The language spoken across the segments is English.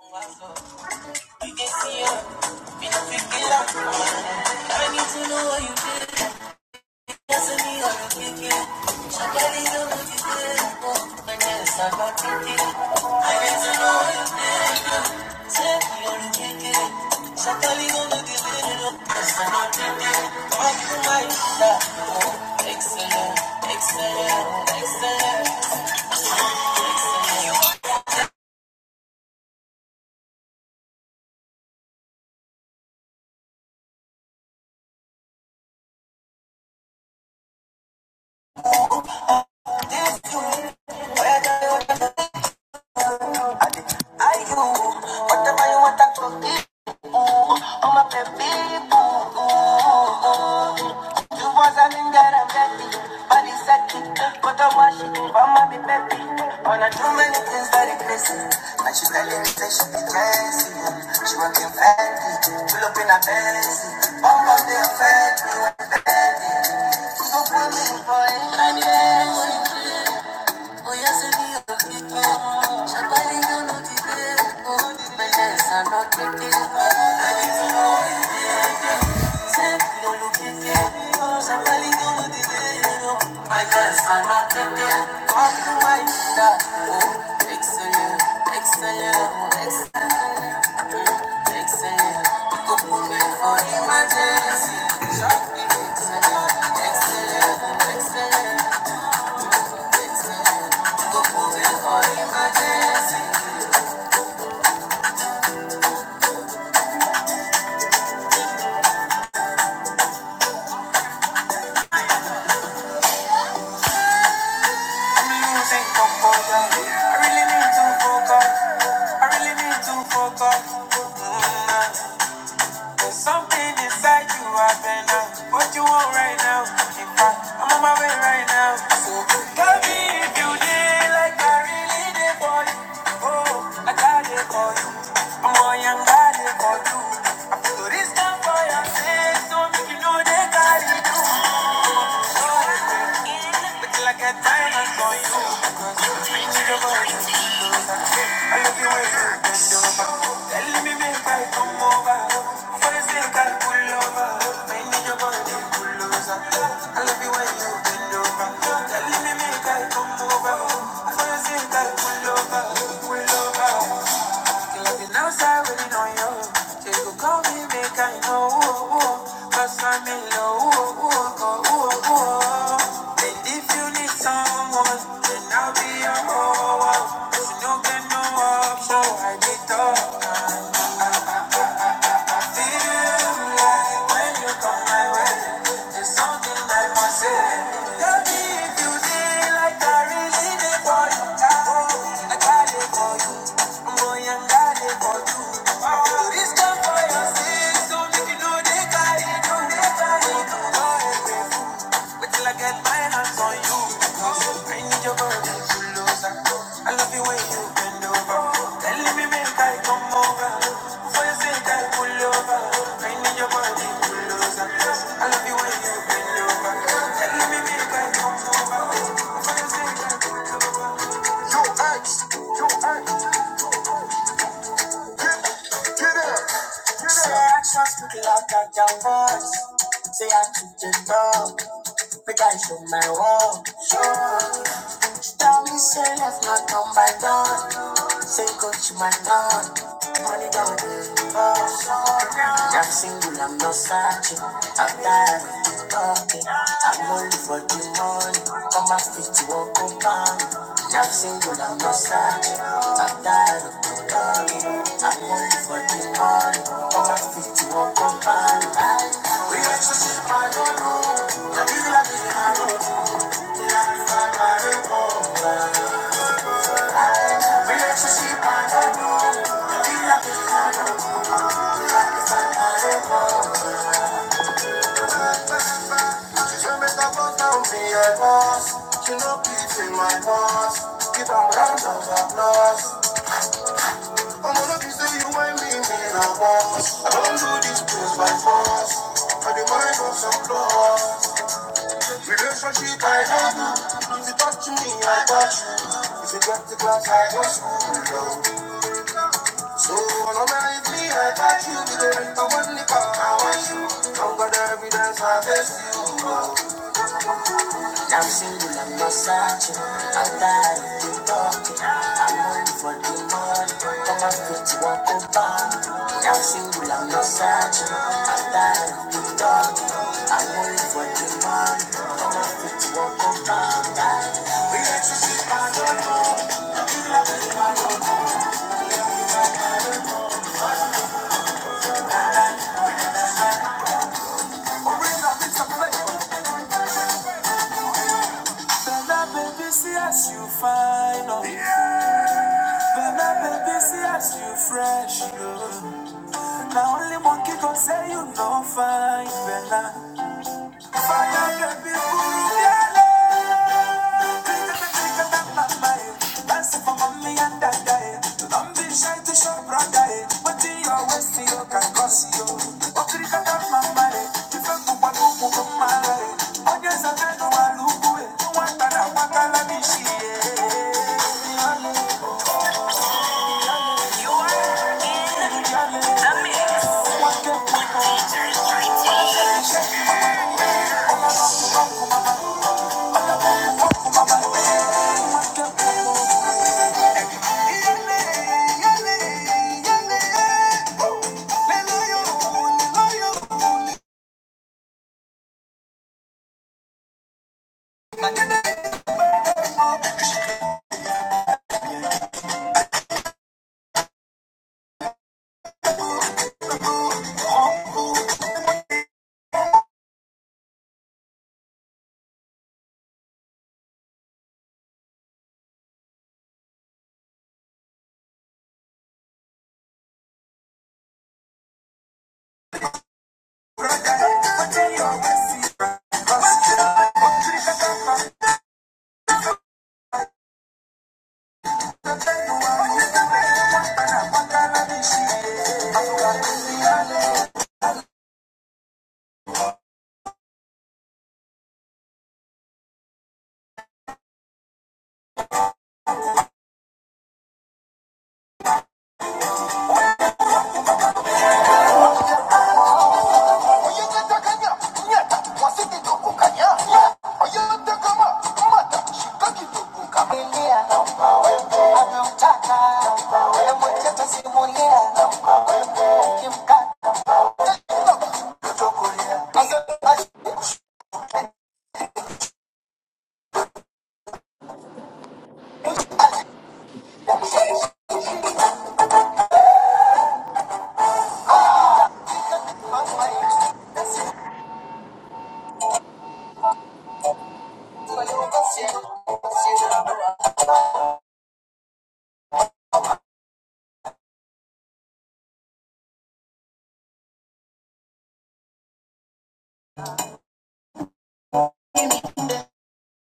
You can see her, me no pick it I need to know what you feel. That's a me on a kick it. Your body so beautiful, and yes, I got it. I need to know what you feel. Take me on a kick it. Somebody gonna give it up, yes, I got it. Come to my side, oh, excellent, excellent, excellent. Are you? Whatever you want to talk, I'm a baby boo. boo, boo. You was a thing that I'm happy, body sucking, but I wash it, but I'm washing, mama be happy. Wanna do many things that very crazy, but you tell me that she be Jesse, she working fancy, pull up in a Benz, mama they offend fancy. people pull me for it, I'm Jesse. Oh yes, I need a people, somebody you know the day, oh, my hands are not getting I really need to focus. I really need to focus. Mm, There's something inside you I've What you want right now? In fact, I'm on my way right now. So tell me if you did like I really did for you. Oh, like I got it for you. I'm on young got it for you. I put this down for your sake, so make you know they got it. Look like a diamond on you. Speaking of all you do, I love you when you bend over. Tell me, make I come over. For the sake I pull over. I need your body pull closer. I love you when you bend over. Tell me, make I come over. For the sake I pull over, pull over i Cause I'm in love. And if you need someone, then I'll be your whole. But you know, get no option. I need talk. Oh, this come for your sins, so make you know they carry you. Wait I get my say I pull over. I need you when you bend don't say I keep the door. Make I show my wall. Down on my door. Say go to my door. Money down the door. i am single, I'm not searching. I'm tired of talking. I'm only for the money. Come and speak to a company. i am single, I'm not searching. I'm tired of you. I'm only for the money. Come and speak to a company. Relationship, I don't know. I feel like it's my own relationship. I don't know. So, all of my life, I got you. Be the rent of one nickel. I want you. Don't got the evidence, I face. I'm single, I'm not searching. I'm tired of you talking. I'm only for the money. Come on, fit you walk over me. I'm single, I'm not searching. I'm tired of you talking. I'm only for the money. Come on, fit you walk over me. Relationship, I don't know. Ring up, it's a flavor. Bella, baby, see as you fine. Oh. Yeah. Bella, baby, see as you fresh. Oh. Now only monkey can say you no fine, Bella. Anamtaka wewe mwenye tasimulia na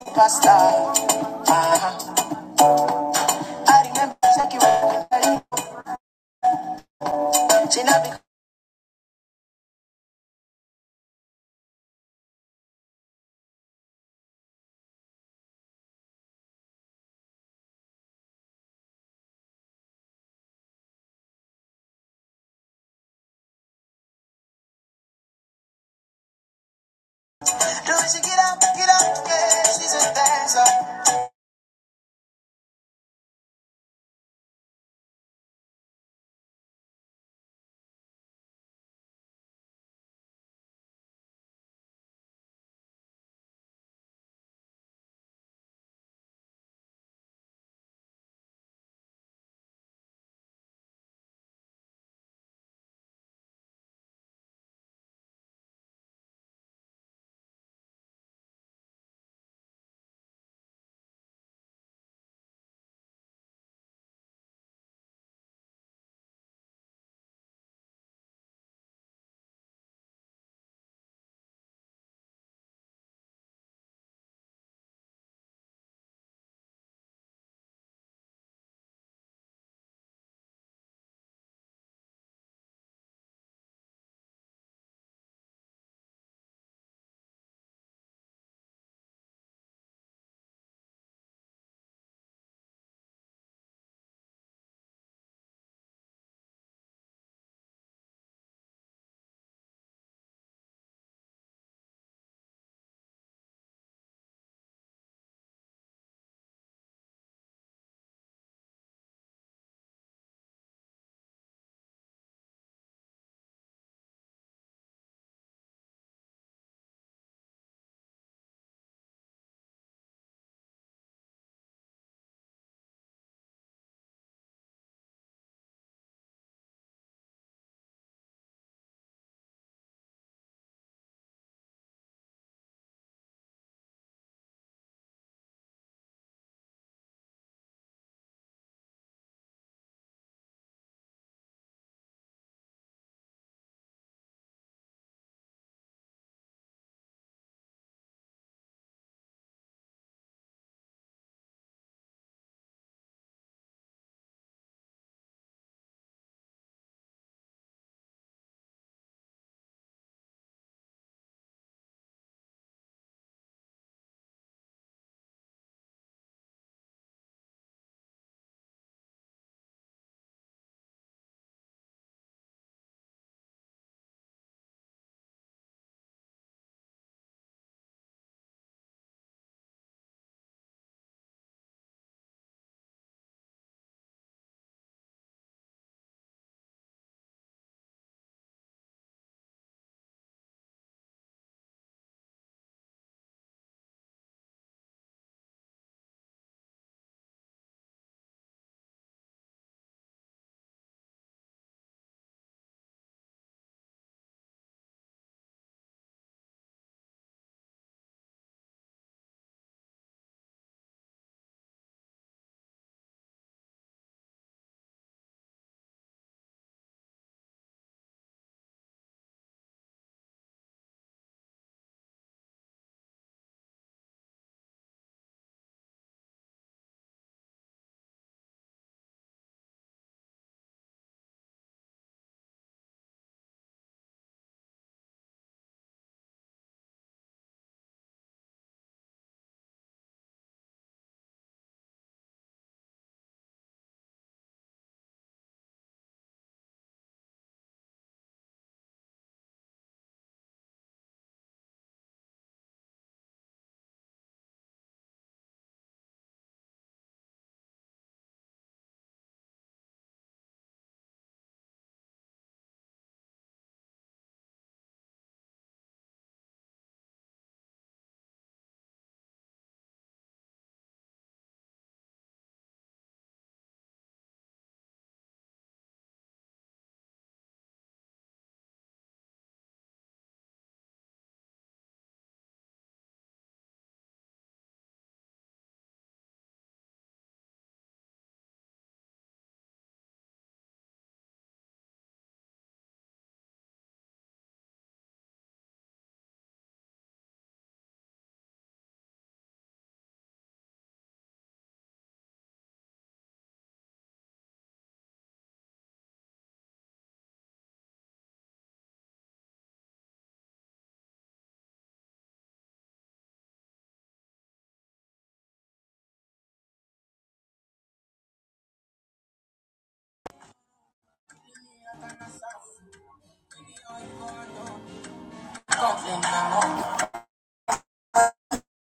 ukimkata I remember checking when we met. She not be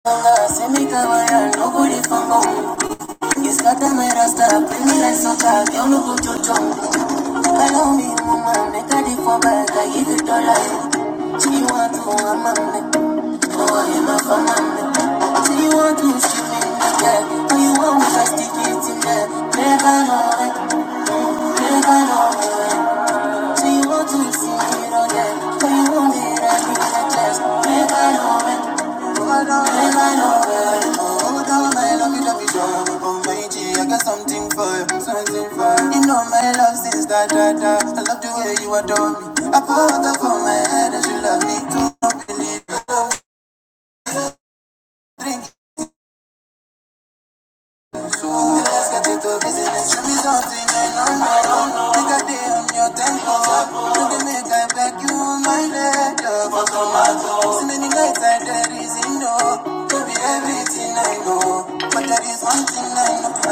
Semika waya nobody He's got Iskata mera star bring me like socha Yo no go chocho Allow me woman. make a di for back I give it all life She want to mama Oh I am a mama She want to see me yeah Oh you want me to I stick it in there Never know it Never know it. Something for you, something for you. You know my love since da da da. I love the way you adore me. I pour water for my head and you love me too. Drink So let's get into business. Tell me something I don't know. Think I did on your tempo. Don't get me guy back you on my leg. Love for So many nights I there is in no. Could be everything I know. But there is one thing I know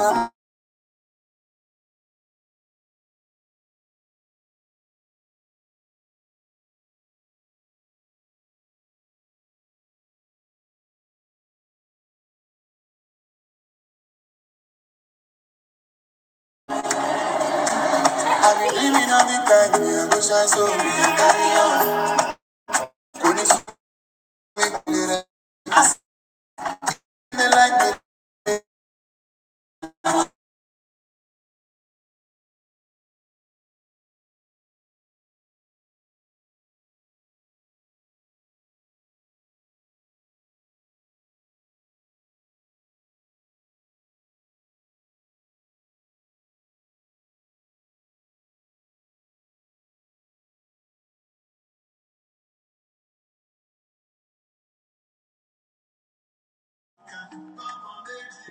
um, so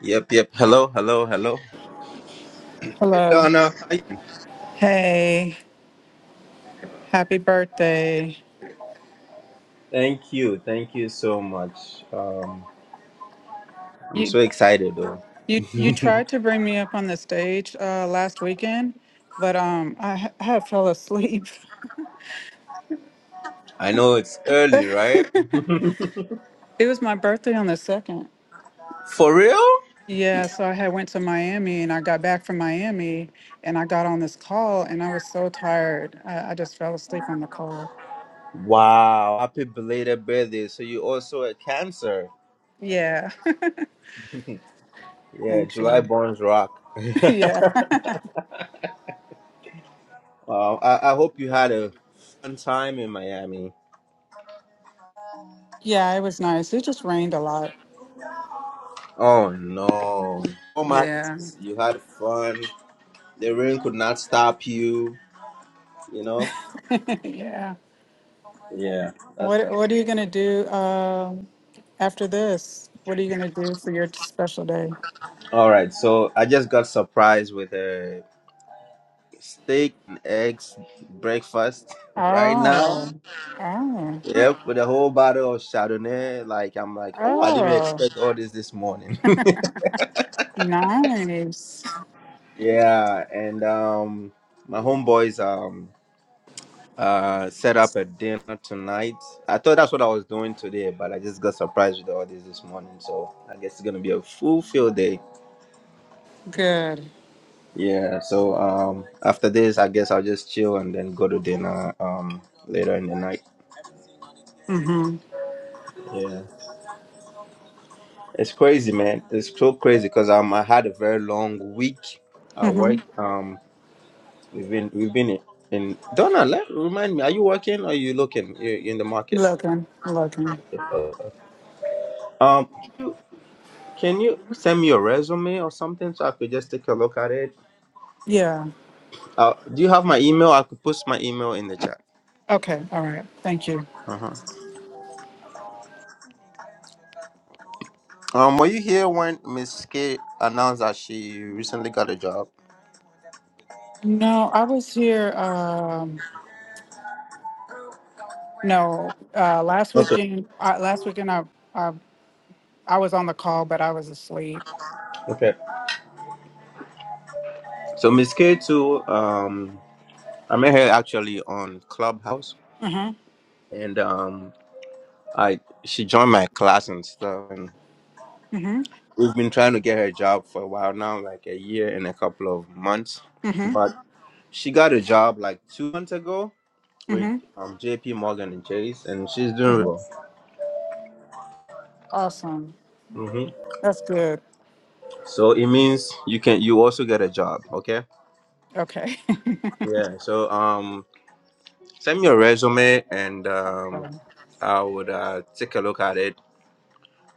Yep, yep. Hello, hello, hello. Hey Hello. Donna, how you? Hey, happy birthday. Thank you. Thank you so much. Um, I'm You so excited though. you you tried to bring me up on the stage uh last weekend, but um I ha- I had fell asleep. I know it's early, right? It was my birthday on the 2nd. For real? Yeah, so I had went to Miami and I got back from Miami and I got on this call and I was so tired. I, I just fell asleep on the call. Wow. Happy belated birthday. So you also a cancer. Yeah. Yeah, Thank July you. borns rock. yeah. wow. I, I hope you had a fun time in Miami. Yeah, it was nice. It just rained a lot. Oh no. Oh my Yeah. you had fun. The rain could not stop you, you know? yeah. Yeah. That's, What what are you going to do? Um After this, what are you going to do for your special day? all right. So I just got surprised with a steak and eggs breakfast right now. Oh, oh, Yep, with a whole bottle of Chardonnay. Like I'm like, oh, I didn't even oh, expect all this this morning. nice. yeah, and um, my homeboys um uh set up a dinner tonight. I thought that's what I was doing today, but I just got surprised with all this this morning. So I guess it's gonna be a full field day. Good. Yeah. So um, after this, I guess I'll just chill and then go to dinner um later in the night. Mm hmm. Yeah. It's crazy, man. It's so crazy because um I had a very long week Mm at hmm. work. Um We've been we've been in, in Donna. Let, remind me, are you working or are you looking? You're in the market. Looking, looking. Um, you- can you send me your resume or something so I could just take a look at it? Yeah. Uh, do you have my email? I could post my email in the chat. Okay. All right. Thank you. Uh-huh. Um, were you here when Miss K announced that she recently got a job? No, I was here. Um, no, uh, last Okay. weekend, uh, last weekend, I, I, I was on the call, but I was asleep. Okay. So Miss K too. Um, I met her actually on Clubhouse, Mm hmm. and um, I she joined my class and stuff. Mm hmm. We've been trying to get her a job for a while now, like a year and a couple of months. Mm But she got a job like two months ago hmm. with um, J.P. Morgan and Chase, and she's Mm doing hmm. really Awesome. well. hmm That's good. So it means you can you also get a job, okay? Okay. Yeah. So um, send me your resume, and um, I would uh, take a look at it,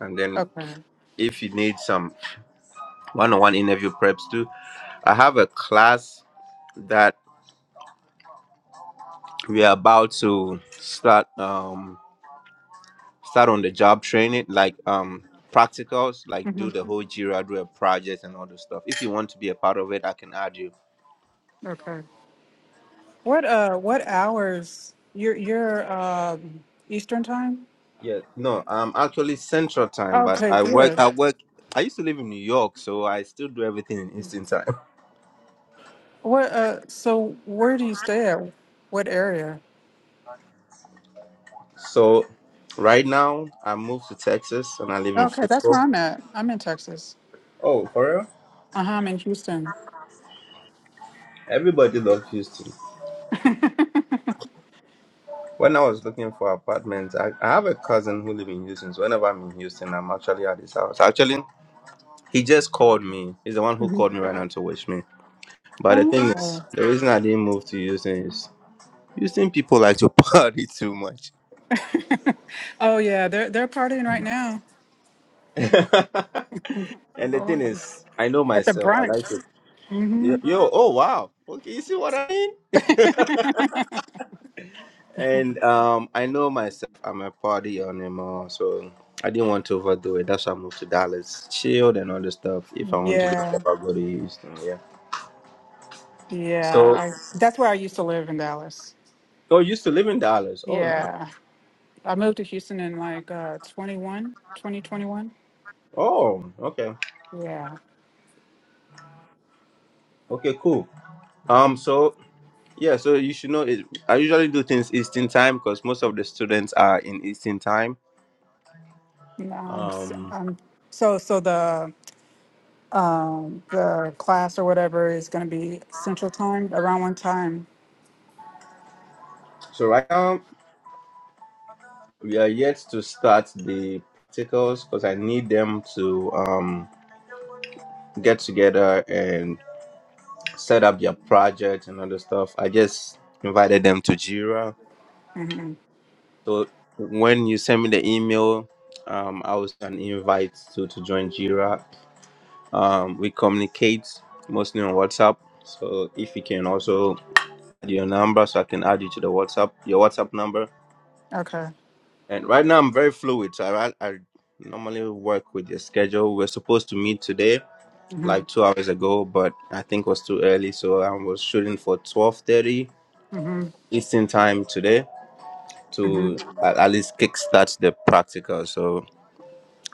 and then okay. if you need some one-on-one interview preps too, I have a class that we are about to start. Um, start on the job training, like um practicals, like hmm do the whole Jira, do a project and all the stuff. If you want to be a part of it, I can add you. Okay. What uh what hours you're you're um Eastern time? Yeah, no, I'm actually Central Time, but Okay, I work. good. I work. I used to live in New York, so I still do everything in Eastern Time. What uh so where do you stay at? What area? So right now, I moved to Texas and I live in Okay, that's Frisco. where I'm at. I'm in Texas. Oh, for real? Uh-huh, I'm in Houston. Everybody loves Houston. When I was looking for apartments, I, I have a cousin who lives in Houston. So whenever I'm in Houston, I'm actually at his house. Actually, He just called me. He's the one who hmm called me right now to wish me. But the thing is, Oh. the reason I didn't move to Houston is Houston people like to party too much. oh yeah, they're they're partying right now. And the Oh, thing it's is, I know at the myself. I brunch. like to. Yo, hmm yo, oh wow. Okay, you see what I mean? And um, I know myself. I'm a party animal, so I didn't want to overdo it. That's why I moved to Dallas, chilled and all this stuff. If I want to do Yeah. stuff, I go to Houston. Yeah. Yeah, So, I that's where I used to live in Dallas. oh, you used to live in Dallas. Oh, nice. Yeah. I moved to Houston in like uh 21, twenty twenty-one. Oh, okay. Yeah. Okay, cool. Um, so Yeah, so you should know it. I usually do things Eastern time because most of the students are in Eastern time. Um, s- Um, um so so the um the class or whatever is going to be central time around one time. so right now we are yet to start the practicals because I need them to um get together and set up their project and other stuff. I just invited them to Jira. Mhm. So when you send me the email, um, I will send an invite to to join Jira. Um, we communicate mostly on WhatsApp. So if you can also your number so I can add you to the WhatsApp, your WhatsApp number. Okay. And right now I'm very fluid. So I, I normally work with your schedule. We're supposed to meet today, Mhm. like two hours ago, but I think it was too early. So I was shooting for 12.30 Mhm. Eastern time today Mhm. to at, at least kickstart the practical. So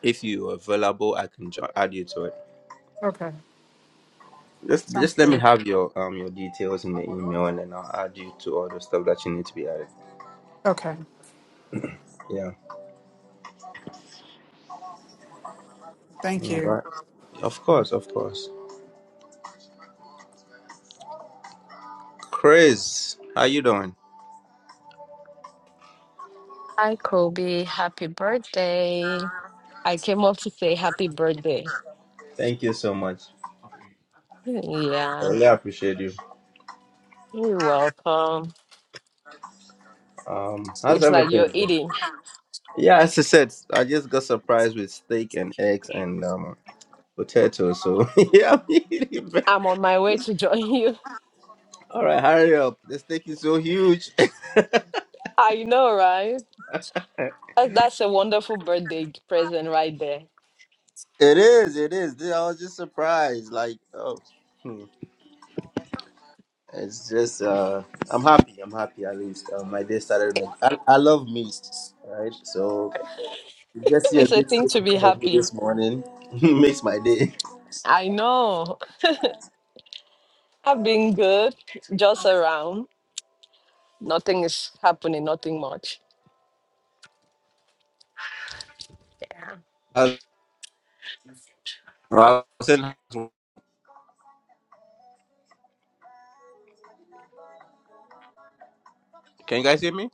if you're available, I can jo- add you to it. Okay. Just, Sounds just let me good. have your um your details in the email and then I'll add you to all the stuff that you need to be added. Okay. Yeah. Thank All you. right. Of course, of course. Chris, how you doing? Hi, Kobe. Happy birthday. I came up to say happy birthday. Thank you so much. I Yeah, really appreciate you. you're welcome. Um, how's It's like everything? you're eating. Yeah, as I said, I just got surprised with steak and eggs and um, potatoes. So yeah, I'm eating, bro. I'm on my way to join you. all right, hurry up. The steak is so huge. it I know, right? That- That's a wonderful birthday present right there. is. It is. I was just surprised. Like, oh, hmm. it's just. Uh, I'm happy. I'm happy at least. Uh, my day started. Like, I, I love meat. Right. So you just see a It's a big thing steak to in be front of me happy. this morning makes my day. I know. I've been good, just around. Nothing is happening, nothing much. Yeah. How's- Rosin, can you guys hear me?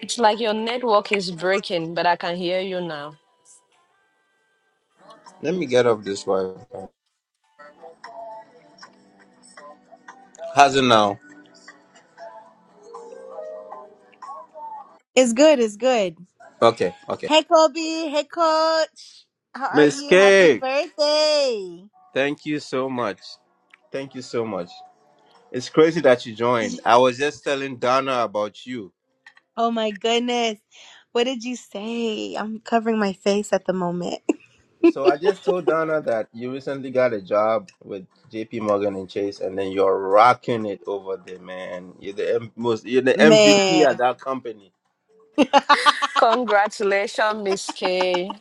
It's like your network is breaking, but I can hear you now. Let me get off this Wi-Fi. How's it now? It's good. It's good. Okay, okay. Hey, Kobe. Hey, Coach. How are Miss you? Happy K, birthday. thank you so much. Thank you so much. It's crazy that you Did you? joined. I was just telling Donna about you. Oh my goodness. What did you say? I'm covering my face at the moment. So I just told Donna that you recently got a job with JP Morgan and Chase, and then you're rocking it over there, man. You're the M- most, you're the MVP at Man. that company. Congratulations, Miss K.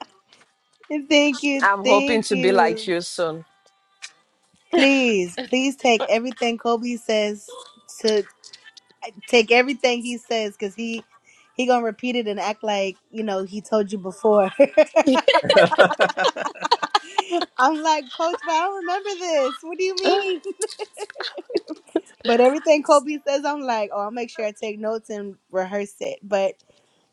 thank you. I'm hoping Thank to be like you. you soon. Please, please take everything Kobe says to take everything he says because he he gonna repeat it and act like you know he told you before. I'm like, Coach, but I don't remember this. What do you mean? But everything Kobe says, I'm like, oh, I'll make sure I take notes and rehearse it. But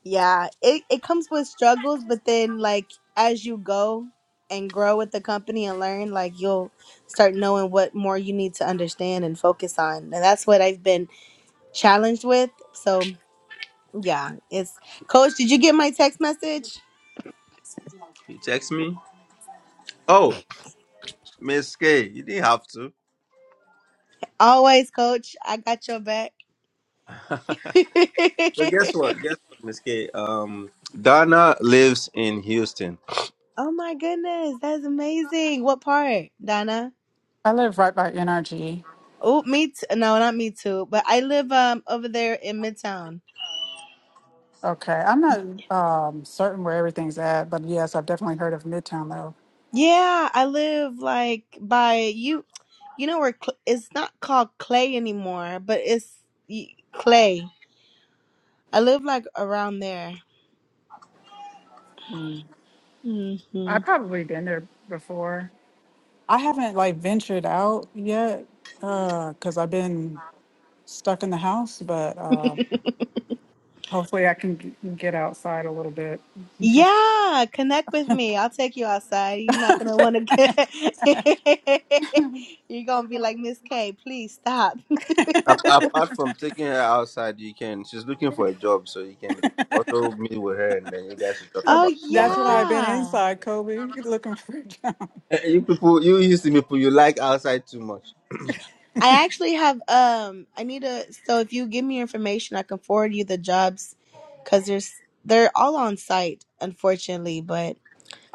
yeah, it, it comes with struggles, but then like as you go and grow with the company and learn, like you'll start knowing what more you need to understand and focus on. And that's what I've been challenged with. So yeah, it's coach, did you get my text message? You text me? Oh, Miss K, you didn't have to. Always, coach, I got your back. oh But guess what? Guess what, Miss K? Um, Donna lives in Houston. my goodness, that's amazing. What part, Donna? I live right by NRG. Oh, me t- no, not me too. But I live um over there in Midtown. Okay. I'm Y- not um certain where everything's at, but yes, I've definitely heard of Midtown though. Yeah, I live like by you. You know where Cl- it's not called Clay anymore, but it's y- Clay. I live like around there. Mm. hmm I've probably been there before. I haven't like ventured out yet uh cuz I've been stuck in the house, but uh hopefully I can g- get outside a little bit. Yeah, connect with me. I'll take you outside. You're not gonna want to get. You're gonna be like Miss K. Please stop. Ap- Apart from taking her outside, you can. She's looking for a job, so you can also meet with her, and then you guys should talk oh about some that's of why them. I've been yeah. inside, Kobe, looking for a job. Eh, eh, You people, you Houston people, you like outside too much. I actually have um I need to so if you give me your information I can forward you the jobs cuz there's they're all on site unfortunately but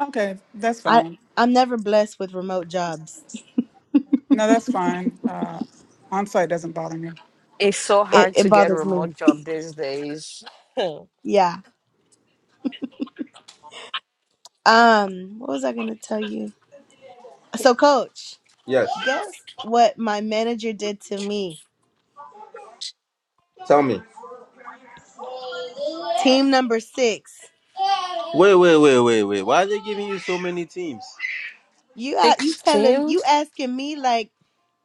Okay, that's I fine. I'm never blessed with remote jobs. No, that's fine. Uh on-site doesn't bother me. It's so It hard it to get bothers me. remote job these days. Yeah. Um what was I going to tell you? So coach, Yes. guess what my manager did to me? Tell me. Team number 6. Wait, wait, wait, wait, wait. Why are they giving you so many teams? You a- you telling Sixteen? you asking me like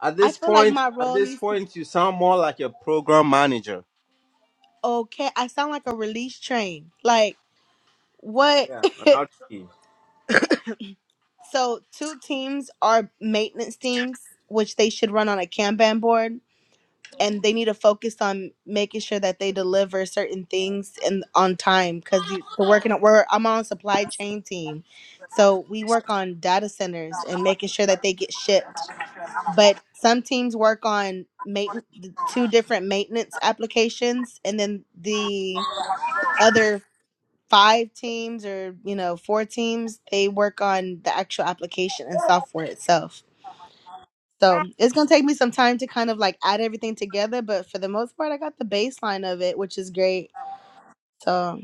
At I this feel like point, my at role this needs to point, you sound more like a program manager. okay, I sound like a release train. Like what Yeah. an outfit. So two teams are maintenance teams, which they should run on a Kanban board, and they need to focus on making sure that they deliver certain things and on time because the working we're I'm on supply chain team, so we work on data centers and making sure that they get shipped. But some teams work on main two different maintenance applications, and then the other five teams or you know four teams they work on the actual application and software itself so it's going to take me some time to kind of like add everything together but for the most part i got the baseline of it which is great so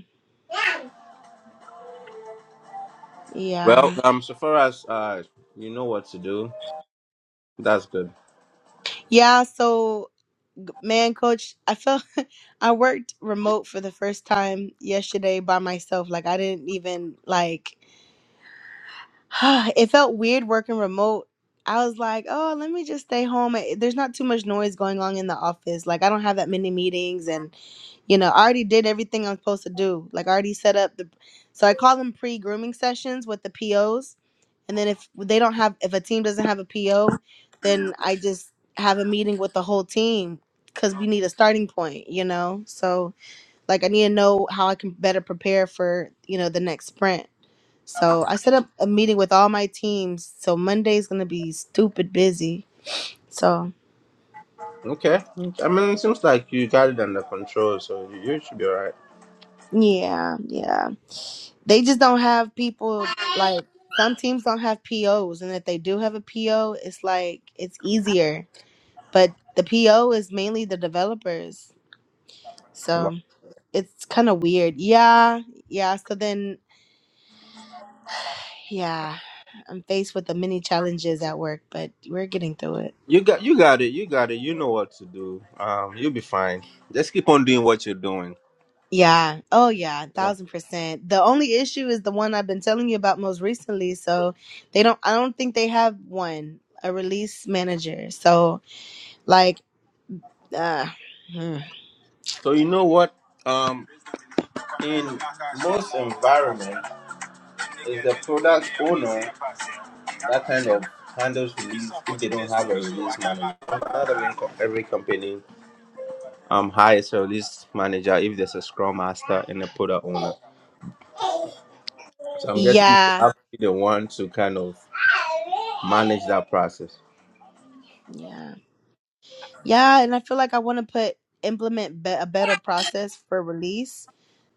yeah Well, um, so far as uh, you know what to do. That's good. yeah so g- man coach i felt i worked remote for the first time yesterday by myself like i didn't even like it felt weird working remote. I was like, oh, let me just stay home. Eh, There's not too much noise going on in the office. Like, I don't have that many meetings. And, you know, I already did everything I'm supposed to do. Like, I already set up the. So I call them pre grooming sessions with the POs. And then if they don't have, if a team doesn't have a PO, then I just have a meeting with the whole team because we need a starting point, you know? So, like, I need to know how I can better prepare for, you know, the next sprint. So I set up a meeting with all my teams. So Monday's gonna be stupid busy. So Okay. I mean, it seems like you got it under control, so you, you should be all right. yeah, yeah. They just don't have people like some teams don't have POs, and if they do have a PO, it's like it's easier. But the PO is mainly the developers, Wow. so it's kind of weird. Yeah, yeah. So then, yeah, I'm faced with the many challenges at work, but we're getting through it. You got you got it. You got it. You know what to do. Um, you'll be fine. Just keep on doing what you're doing. Yeah. Oh, yeah. A Yeah. Thousand percent. The only issue is the one I've been telling you about most recently. So they don't, I don't think they have one, a release manager. So, like, uh, hmm. So you know what? Um, in most environments, it's the product owner that kind of handles release if they don't have a release manager. Not every, co- every company um hires a release manager if there's a scrum master and a product owner. So I'm guessing you yeah. have to be the one to kind of manage that process. Yeah. Yeah. And I feel like I want to put, implement be- a better process for release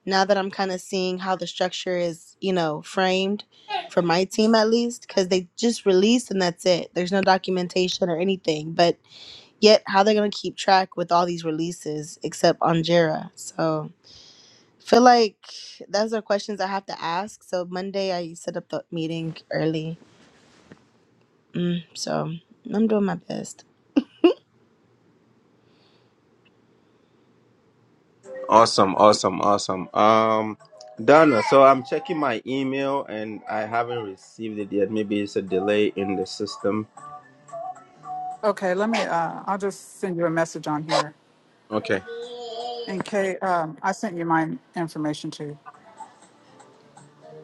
now that I'm kind of seeing how the structure is, you know, framed for my team at least, because they just release and that's it. There's no documentation or anything. But Yet how they're gonna keep track with all these releases except on Jira. So feel like those are questions I have to ask. So Monday I set up the meeting early. Mm, so I'm doing my best. Awesome, awesome, awesome. Um, Donna, so I'm checking my email and I haven't received it yet. Maybe it's a delay in the system. Okay, let me uh I'll just send you a message on here. Okay. And Kay, um I sent you my information too.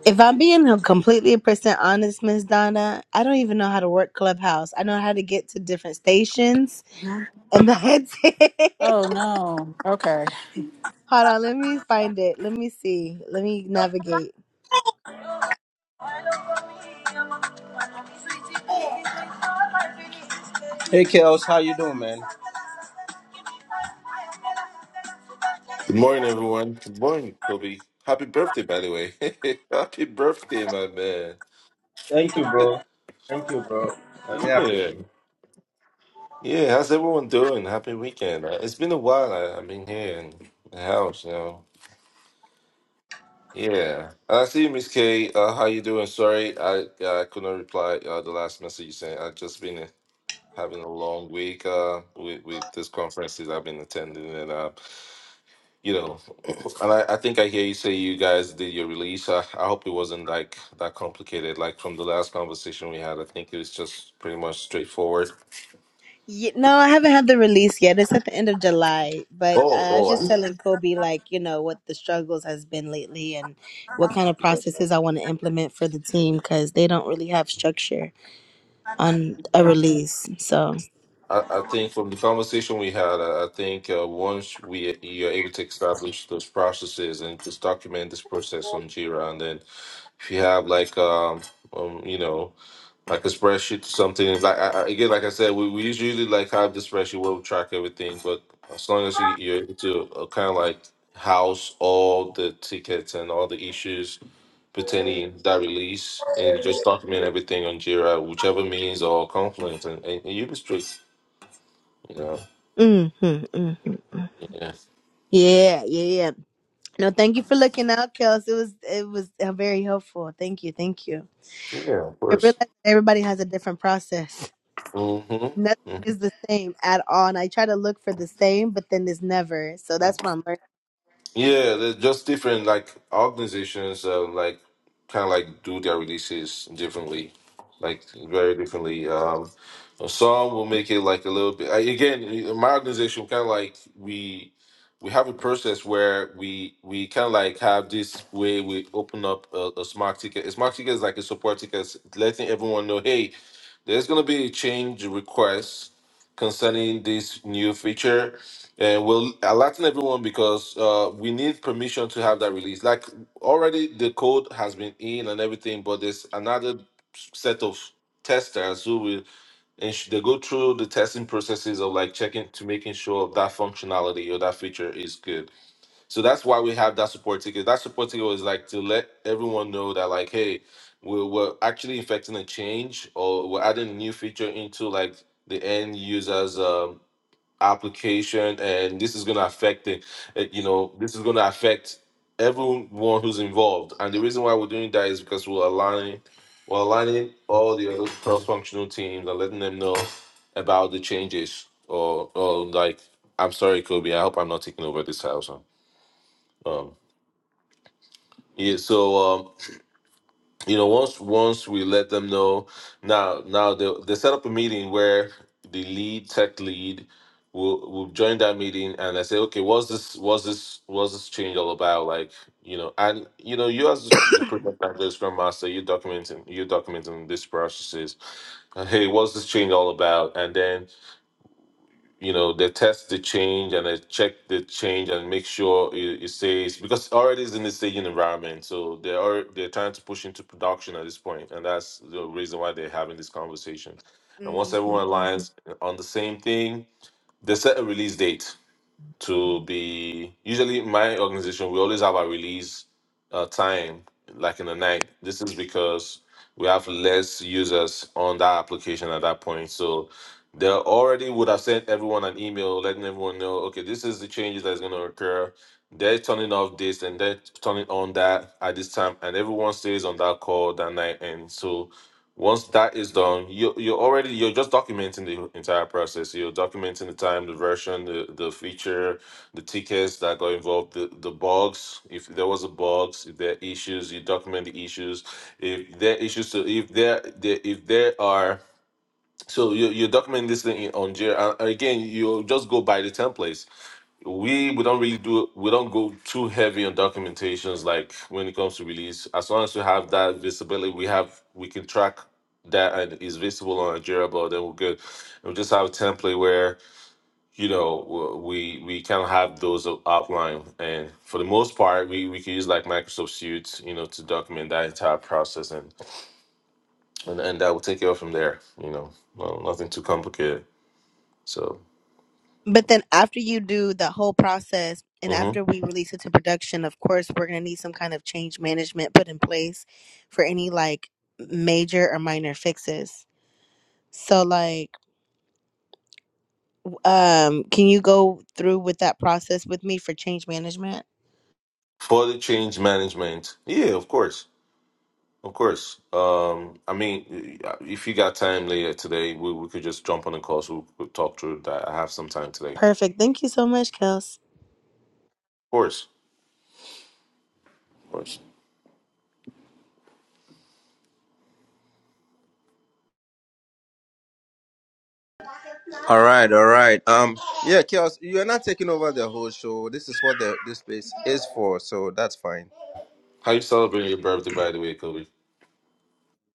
If I'm being completely percent honest, Miss Donna, I don't even know how to work Clubhouse. I know how to get to different stations, Mhm. and that's it. Oh no. Okay. Hold on, let me find it. Let me see. Let me navigate. Hey, Kels, how you doing, man? Good morning, everyone. Good morning, Kobe. Happy birthday, by the way. Happy birthday, my man. Thank you, bro. Thank you, bro. I really appreciate. Yeah. it. Yeah, how's everyone doing? Happy weekend. Uh, It's been a while. I, I've been here in the house, you know. Yeah. I see you, Miss K. Uh, how you doing? Sorry, I, I could not reply uh, the last message you sent. I've just been uh, having a long week uh, with, with these conferences I've been attending. and uh, you know and I, I think i hear you say you guys did your release I, I hope it wasn't like that complicated like from the last conversation we had i think it was just pretty much straightforward Yeah, no, I haven't had the release yet. It's at the end of July, but oh uh, I was just oh telling Kobe, like, you know, what the struggles has been lately and what kind of processes I want to implement for the team because they don't really have structure on a I- release. So, I, I think from the conversation we had, I, I think uh, once we you're able to establish those processes and just document this process on Jira, and then if you have like um, um you know like a spreadsheet or something it's like I, I- again like I said, we, we usually like have this spreadsheet where we track everything, but as long as you, you're able to uh, kind of like house all the tickets and all the issues pertaining that release and you just document everything on Jira, whichever means or Confluence, and, and you be straight yeah, hmm hmm yeah, yeah, yeah, yeah. No, thank you for looking out, Kels. It was, it was uh, very helpful. Thank you, thank you. yeah. Of I realize course. that everybody has a different process. hmm Nothing is the same at all. And I try to look for the same, but then there's never. So that's what I'm Yeah, they're just different. Like organizations, uh, like kind of like do their releases differently, like very differently. Um, uh, some will make it like a little bit. I, again, in my organization kind of like we we have a process where we we kind of like have this way we open up a, a smart ticket. A smart ticket is like a support ticket, letting everyone know, hey, There's going to be a change request concerning this new feature, and we'll alerting everyone because uh, we need permission to have that release. Like already, the code has been in and everything, but there's another set of testers who will and sh- they go through the testing processes of like checking to making sure that functionality or that feature is good. So that's why we have that support ticket. That support ticket was like to let everyone know that like, hey, we're, we're actually effecting a change or we're adding a new feature into like the end user's um, application, and this is gonna affect it. uh, You know, this is gonna affect everyone who's involved. And the reason why we're doing that is because we're aligning, we're aligning all the other cross-functional teams and letting them know about the changes. Or, or like, I'm sorry, Kobe. I hope I'm not taking over this house. huh? Um, yeah, so um, you know, once once we let them know, now now they they set up a meeting where the lead tech lead will will join that meeting, and I say, okay, what's this what's this what's this change all about? Like, you know, and you know, you as the project manager, scrum master, you're documenting you're documenting these processes. Uh, hey, what's this change all about? And then you know they test the change and they check the change and make sure it, it stays because already is in the staging environment so they are they're trying to push into production at this point and that's the reason why they're having this conversation and once learning. hmm everyone aligns on the same thing they set a release date to be usually my organization we always have a release uh, time like in the night this is because we have less users on that application at that point so they already would have sent everyone an email letting everyone know okay this is the changes that's going to occur they're turning off this and they're turning on that at this time and everyone stays on that call that night and so once that is done, you you're already you're just documenting the entire process. You're documenting the time, the version, the, the feature, the tickets that got involved, the, the bugs. If there was a bugs, if there are issues, you document the issues. If there are issues to if there, there if there are so you you document this thing on Jira. And Again, you just go by the templates we we don't really do we don't go too heavy on documentations like when it comes to release as long as we have that visibility we have we can track that and is visible on Nigeria but then we're good and we just have a template where you know w- we we kind of have those outlined and for the most part we we can use like Microsoft Suite you know to document that entire process and and, and that will take care of from there you know well, nothing too complicated so But then after you do the whole process and mhm. after we release it to production, of course, we're going to need some kind of change management put in place for any like major or minor fixes. So like um can you go through with that process with me for change management? for the change management yeah of course Of course. Um, I mean, if you got time later today, we, we could just jump on the call so we could talk through that. I have some time today. Of Perfect. Thank you so much, Kels. course. Of course. All right, all right. Um, yeah, chaos. You are not taking over the whole show. This is what the this space is for, so that's fine. How you celebrating your birthday, by the way, Kobe?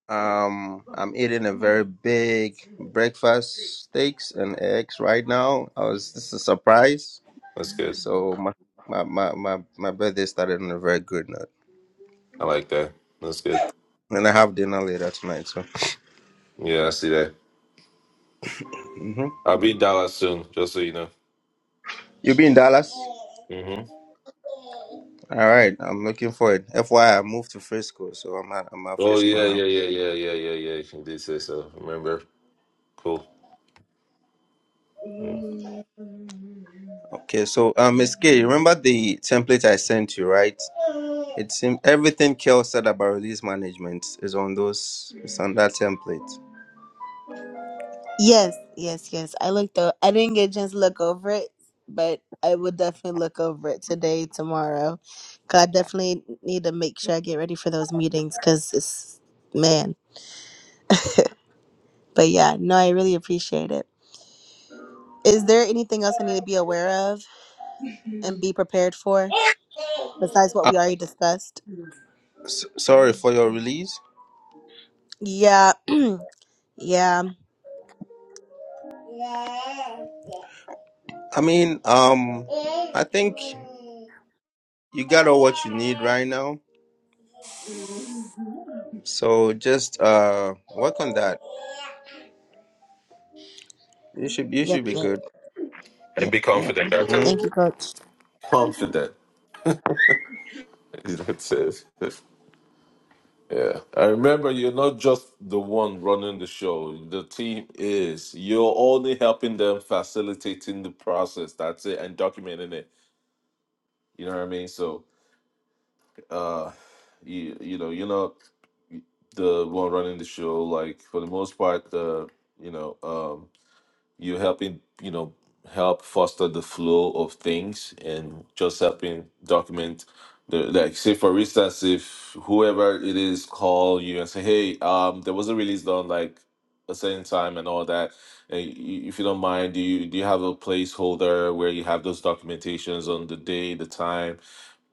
Um, I'm eating a very big breakfast, steaks and eggs right now. I was this is a surprise. That's good. So my my my my, my birthday started on a very good note, I like that. That's good. and I have dinner later tonight. So Yeah, I see that. Mhm. I'll be in Dallas soon, just so you know. you'll be in Dallas. hmm All right, I'm looking forward. FYI, I I moved to Frisco, so I'm at I'm at Oh, Frisco yeah, now. yeah, yeah, yeah, yeah, yeah, yeah. You did say so. Remember? Cool. Mm. Okay, so um, Miss K, remember the template I sent you, right? It seems everything Kel said about release management is on those It's on that template. Yes, yes, yes. I looked I I didn't get a chance to look over it, but I will definitely look over it today, tomorrow. 'Cause I definitely need to make sure I get ready for those meetings because it's, man. But yeah, no, I really appreciate it. Is there anything else I need to be aware of and be prepared for besides what Uh, we already discussed? s- sorry for your release. Yeah, yeah, I mean, um, I think you got all what you need right now. So just uh work on that. You should you should yep, be yep, good. And yep, be yep. confident, that's it. hmm Thank you, coach. Confident. That's it. Yeah. And remember, you're not just the one running the show. The team is. You're only helping them facilitating the process. That's it. And documenting it. You know what I mean? So uh you you know, you're not the one running the show. Like for the most part, the you know, um, You're helping, you know, help foster the flow of things and just helping document the like say for instance if whoever it is call you and say, Hey, um there was a release done like a certain time and all that. And y- if you don't mind, do you do you have a placeholder where you have those documentations on the day, the time,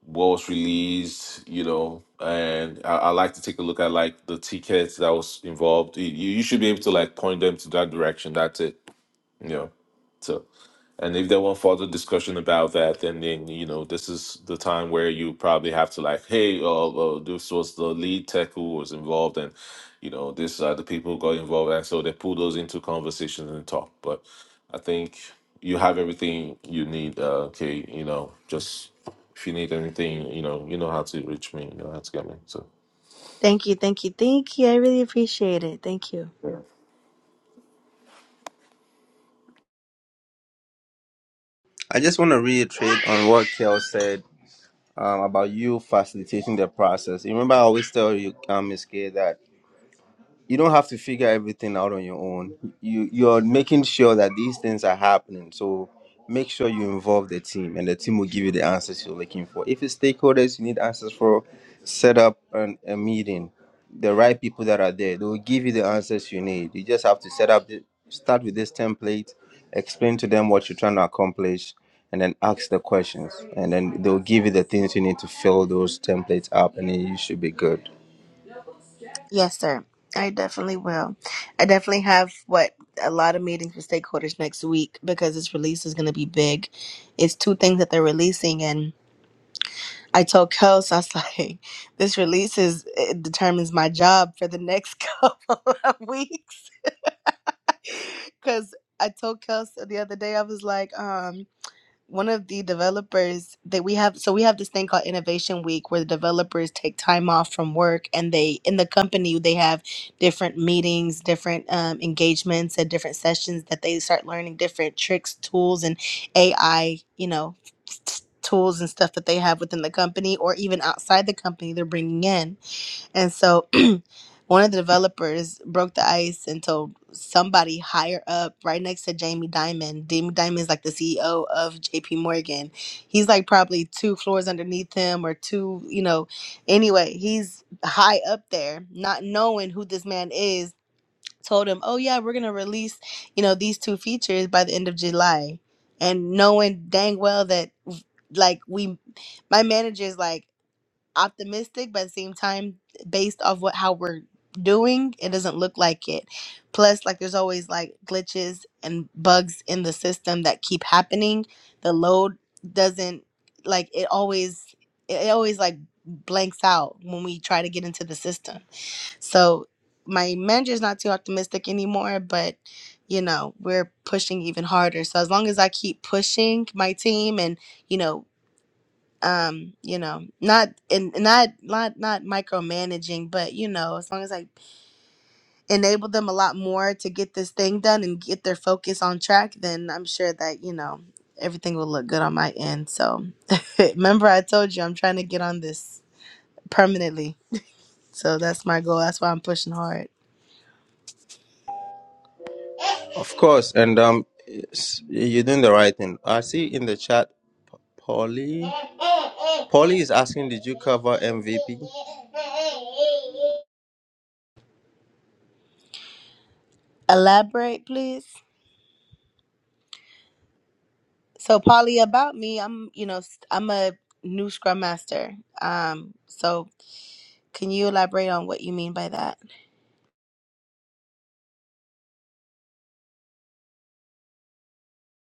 what was released, you know? And I, I like to take a look at like the tickets that was involved. You, you you should be able to like point them to that direction. That's it you know. So, and if they want further discussion about that, then then you know this is the time where you probably have to like, hey, uh, uh, this was the lead tech who was involved, and you know these are the people who got involved, and so they pull those into conversations and talk. But I think you have everything you need. Uh, okay, you know, just if you need anything, you know, you know how to reach me, you know how to get me. So. Thank you, thank you, thank you. I really appreciate it. Thank you. I just want to reiterate on what Kel said um, about you facilitating the process. You remember I always tell you, um, Miss K, that you don't have to figure everything out on your own. You you're making sure that these things are happening. So make sure you involve the team, and the team will give you the answers you're looking for. If it's stakeholders, you need answers for. Set up an, a meeting. The right people that are there, they will give you the answers you need. You just have to set up the start with this template, explain to them what you're trying to accomplish, and then ask the questions. And then they'll give you the things you need to fill those templates up, and then you should be good. Yes, sir. I definitely will. I definitely have what a lot of meetings with stakeholders next week because this release is going to be big. It's two things that they're releasing, and I told Kels, I was like, "This release is it determines my job for the next couple of weeks." Because I told Kels the other day, I was like, um one of the developers that we have so we have this thing called innovation week where the developers take time off from work and they in the company they have different meetings different um, engagements and different sessions that they start learning different tricks tools and ai you know tools and stuff that they have within the company or even outside the company they're bringing in and so one of the developers broke the ice and told somebody higher up, right next to Jamie Dimon. Jamie Dimon is like the CEO of JP Morgan. He's like probably two floors underneath him or two, you know. Anyway, he's high up there, not knowing who this man is, told him, Oh yeah, we're gonna release, you know, these two features by the end of July. And knowing dang well that like we my manager's like optimistic, but at the same time, based off what how we're doing, it doesn't look like it. Plus, like there's always like glitches and bugs in the system that keep happening. The load doesn't like it always it it always like blanks out when we try to get into the system. So my manager's not too optimistic anymore, but you know, we're pushing even harder. So as long as I keep pushing my team and, you know, um you know not and and not not not micromanaging but you know as long as i enable them a lot more to get this thing done and get their focus on track then i'm sure that you know everything will look good on my end so remember i told you i'm trying to get on this permanently so that's my goal that's why i'm pushing hard Of course, and um, it's- you're doing the right thing. I see in the chat, Polly. Polly is asking, did you cover MVP? elaborate please so polly about me i'm you know st- i'm a new scrum master um so can you elaborate on what you mean by that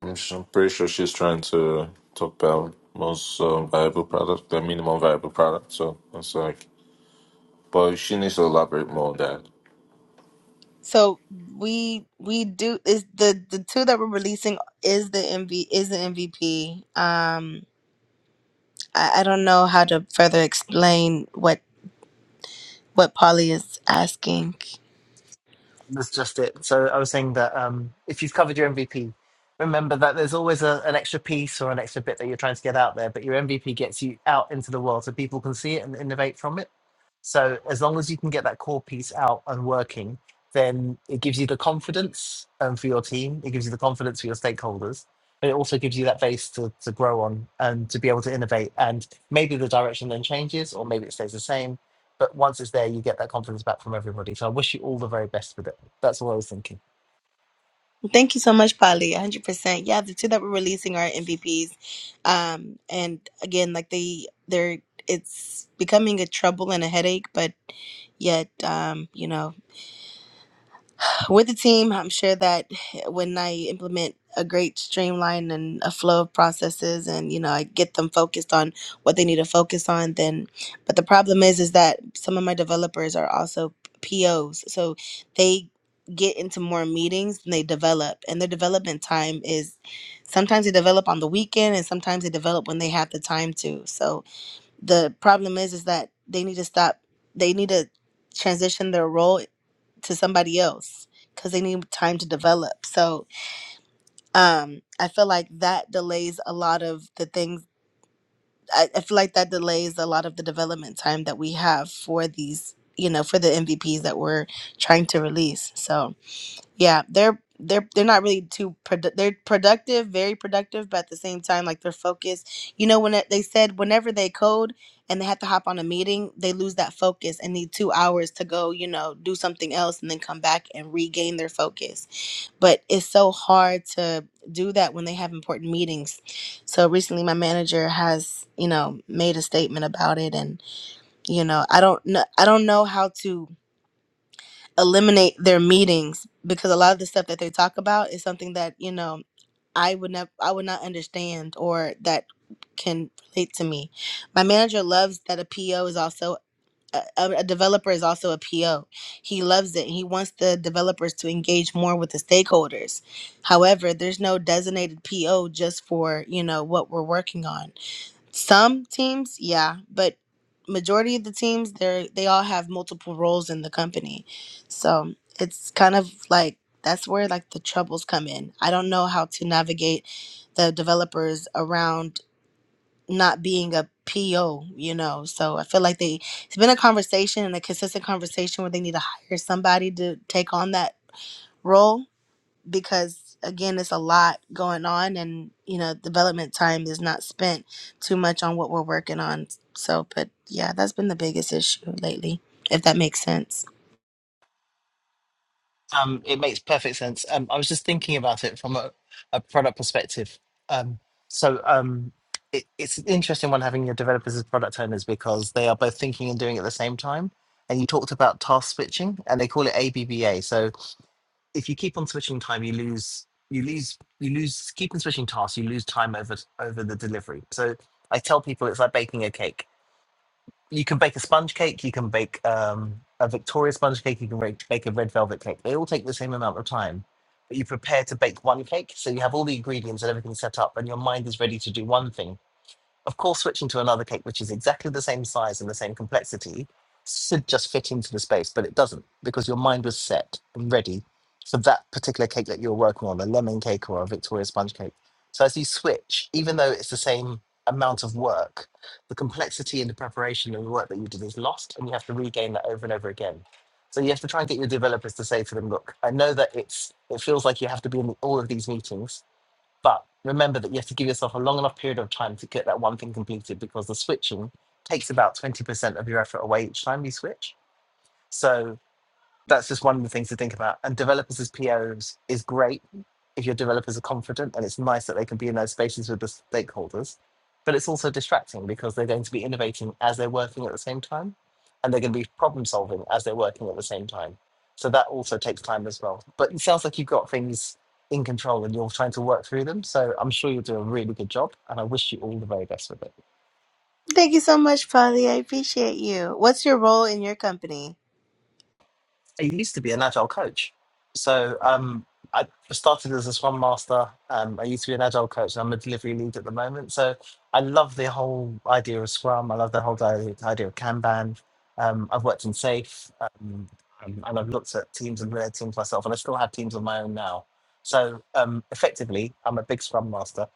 And I'm pretty sure she's trying to talk about most uh, viable product, the minimum viable product. So it's like, but she needs to elaborate more on that. So we we do is the the two that we're releasing is the MV is the MVP. Um, I, I don't know how to further explain what what Polly is asking. That's just it. So I was saying that um, if you've covered your MVP, remember that there's always a, an extra piece or an extra bit that you're trying to get out there, but your MVP gets you out into the world so people can see it and innovate from it. So as long as you can get that core piece out and working, then it gives you the confidence um, for your team. It gives you the confidence for your stakeholders, but it also gives you that base to, to grow on and to be able to innovate. And maybe the direction then changes, or maybe it stays the same. But once it's there, you get that confidence back from everybody. So I wish you all the very best with it. That's what I was thinking. Thank you so much, Polly. 100%. Yeah, the two that we're releasing are MVPs. Um, and again, like they they're it's becoming a trouble and a headache, but yet, um, you know. with the team, I'm sure that when I implement a great streamline and a flow of processes and you know I get them focused on what they need to focus on then but the problem is is that some of my developers are also POs so they get into more meetings and they develop and their development time is sometimes they develop on the weekend and sometimes they develop when they have the time to so the problem is is that they need to stop they need to transition their role to somebody else because they need time to develop so um i feel like that delays a lot of the things I, I feel like that delays a lot of the development time that we have for these you know for the mvps that we're trying to release so yeah, they're they're they're not really too produ- they're productive, very productive, but at the same time, like they're focused. You know, when it, they said whenever they code and they have to hop on a meeting, they lose that focus and need two hours to go, you know, do something else and then come back and regain their focus. But it's so hard to do that when they have important meetings. So recently, my manager has you know made a statement about it, and you know, I don't know, I don't know how to eliminate their meetings because a lot of the stuff that they talk about is something that you know I would never I would not understand or that can relate to me. My manager loves that a PO is also a, a a developer is also a PO. He loves it. He wants the developers to engage more with the stakeholders. However, there's no designated PO just for, you know, what we're working on some teams, yeah, but majority of the teams, they're they all have multiple roles in the company, so it's kind of like that's where like the troubles come in. I don't know how to navigate the developers around not being a PO, you know. So I feel like they it's been a conversation and a consistent conversation where they need to hire somebody to take on that role because again it's a lot going on and you know development time is not spent too much on what we're working on so but yeah that's been the biggest issue lately if that makes sense Um, it makes perfect sense. Um, I was just thinking about it from a, a product perspective. Um, so um, it, it's an interesting one having your developers as product owners because they are both thinking and doing at the same time. And you talked about task switching, and they call it ABBA. So if you keep on switching time, you lose you lose you lose keep on switching tasks, you lose time over over the delivery. So I tell people it's like baking a cake you can bake a sponge cake, you can bake um, a Victoria sponge cake, you can re- bake a red velvet cake. They all take the same amount of time, but you prepare to bake one cake. So you have all the ingredients and everything set up, and your mind is ready to do one thing. Of course, switching to another cake, which is exactly the same size and the same complexity, should just fit into the space, but it doesn't because your mind was set and ready for that particular cake that you're working on, a lemon cake or a Victoria sponge cake. So as you switch, even though it's the same amount of work, the complexity and the preparation and the work that you did is lost, and you have to regain that over and over again. So you have to try and get your developers to say to them, look, I know that it's it feels like you have to be in all of these meetings, but remember that you have to give yourself a long enough period of time to get that one thing completed because the switching takes about 20% of your effort away each time you switch. So that's just one of the things to think about. And developers as POs is great if your developers are confident, and it's nice that they can be in those spaces with the stakeholders. But it's also distracting because they're going to be innovating as they're working at the same time, and they're going to be problem solving as they're working at the same time. So that also takes time as well. But it sounds like you've got things in control and you're trying to work through them. So I'm sure you'll do a really good job, and I wish you all the very best with it. thank you so much polly i appreciate you what's your role in your company I used to be an agile coach. So um, I started as a Scrum Master. Um, I used to be an agile coach, and I'm a delivery lead at the moment. So I love the whole idea of Scrum. I love the whole di- idea of Kanban. Um, I've worked in Safe, um, um, and I've looked at teams and led teams myself, and I still have teams of my own now. So um, effectively, I'm a big Scrum Master.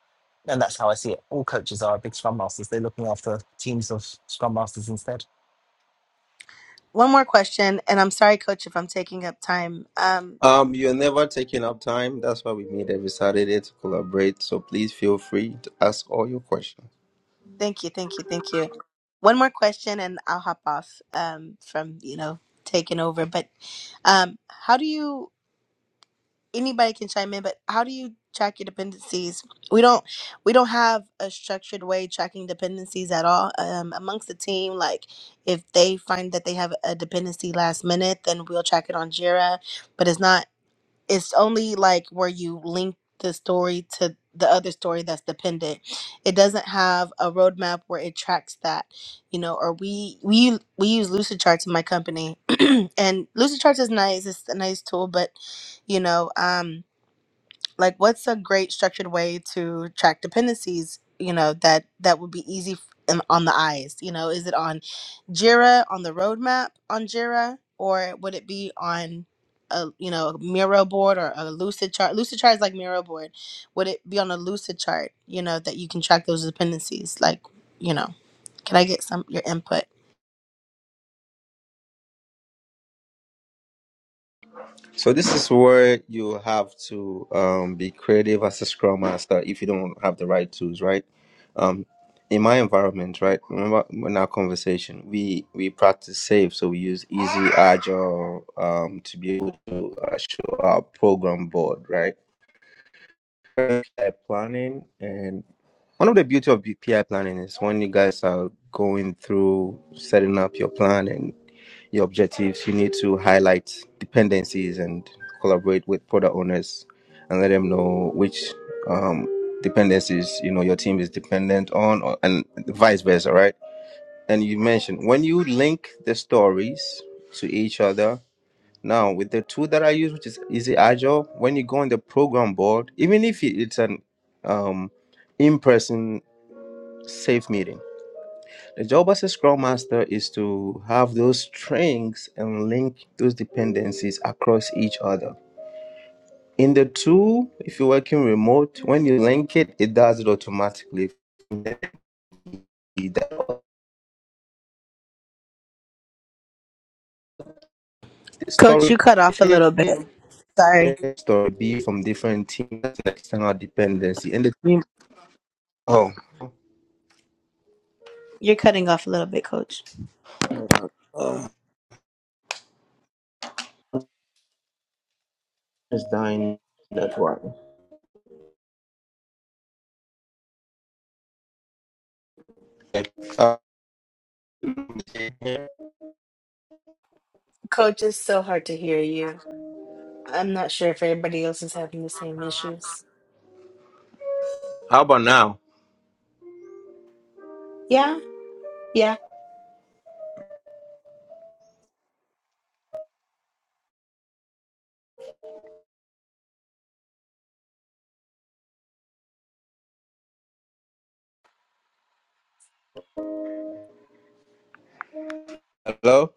And that's how I see it. All coaches are big Scrum Masters. They're looking after teams of Scrum Masters instead. one more question and i'm sorry coach if i'm taking up time um Um, you're never taking up time. That's why we meet every Saturday to collaborate. So please feel free to ask all your questions. thank you thank you thank you one more question and i'll hop off um from you know taking over but um how do you anybody can chime in, but how do you track your dependencies? We don't we don't have a structured way tracking dependencies at all. Um, amongst the team, like if they find that they have a dependency last minute, then we'll track it on Jira. But it's not it's only like where you link the story to the other story that's dependent it doesn't have a roadmap where it tracks that you know or we we we use lucid charts in my company and lucid charts is nice it's a nice tool but you know um like what's a great structured way to track dependencies you know that that would be easy f- in- on the eyes you know is it on jira on the roadmap on jira or would it be on a you know a miro board or a lucid chart lucid chart is like miro board would it be on a lucid chart you know that you can track those dependencies like you know can i get some your input So this is where you have to um, be creative as a Scrum Master if you don't have the right tools, right? in my environment, right? Remember in our conversation, we we practice safe, so we use easy agile um to be able to uh, show our program board, right? PI planning and one of the beauty of PI planning is when you guys are going through setting up your plan and your objectives, you need to highlight dependencies and collaborate with product owners and let them know which um, dependencies you know your team is dependent on or, and vice versa right and you mentioned when you link the stories to each other now with the tool that i use which is easy agile when you go on the program board even if it- it's an um, in-person safe meeting the job as a scrum master is to have those strengths and link those dependencies across each other in the tool if you're working remote when you link it it does it automatically that the coach story you cut off a little bit sorry story be from different teams external dependency. And the team oh you're cutting off a little bit coach is dying that one. Uh, Coach, it's so hard to hear you. I'm not sure if everybody else is having the same issues. How about now? Yeah, yeah. hello?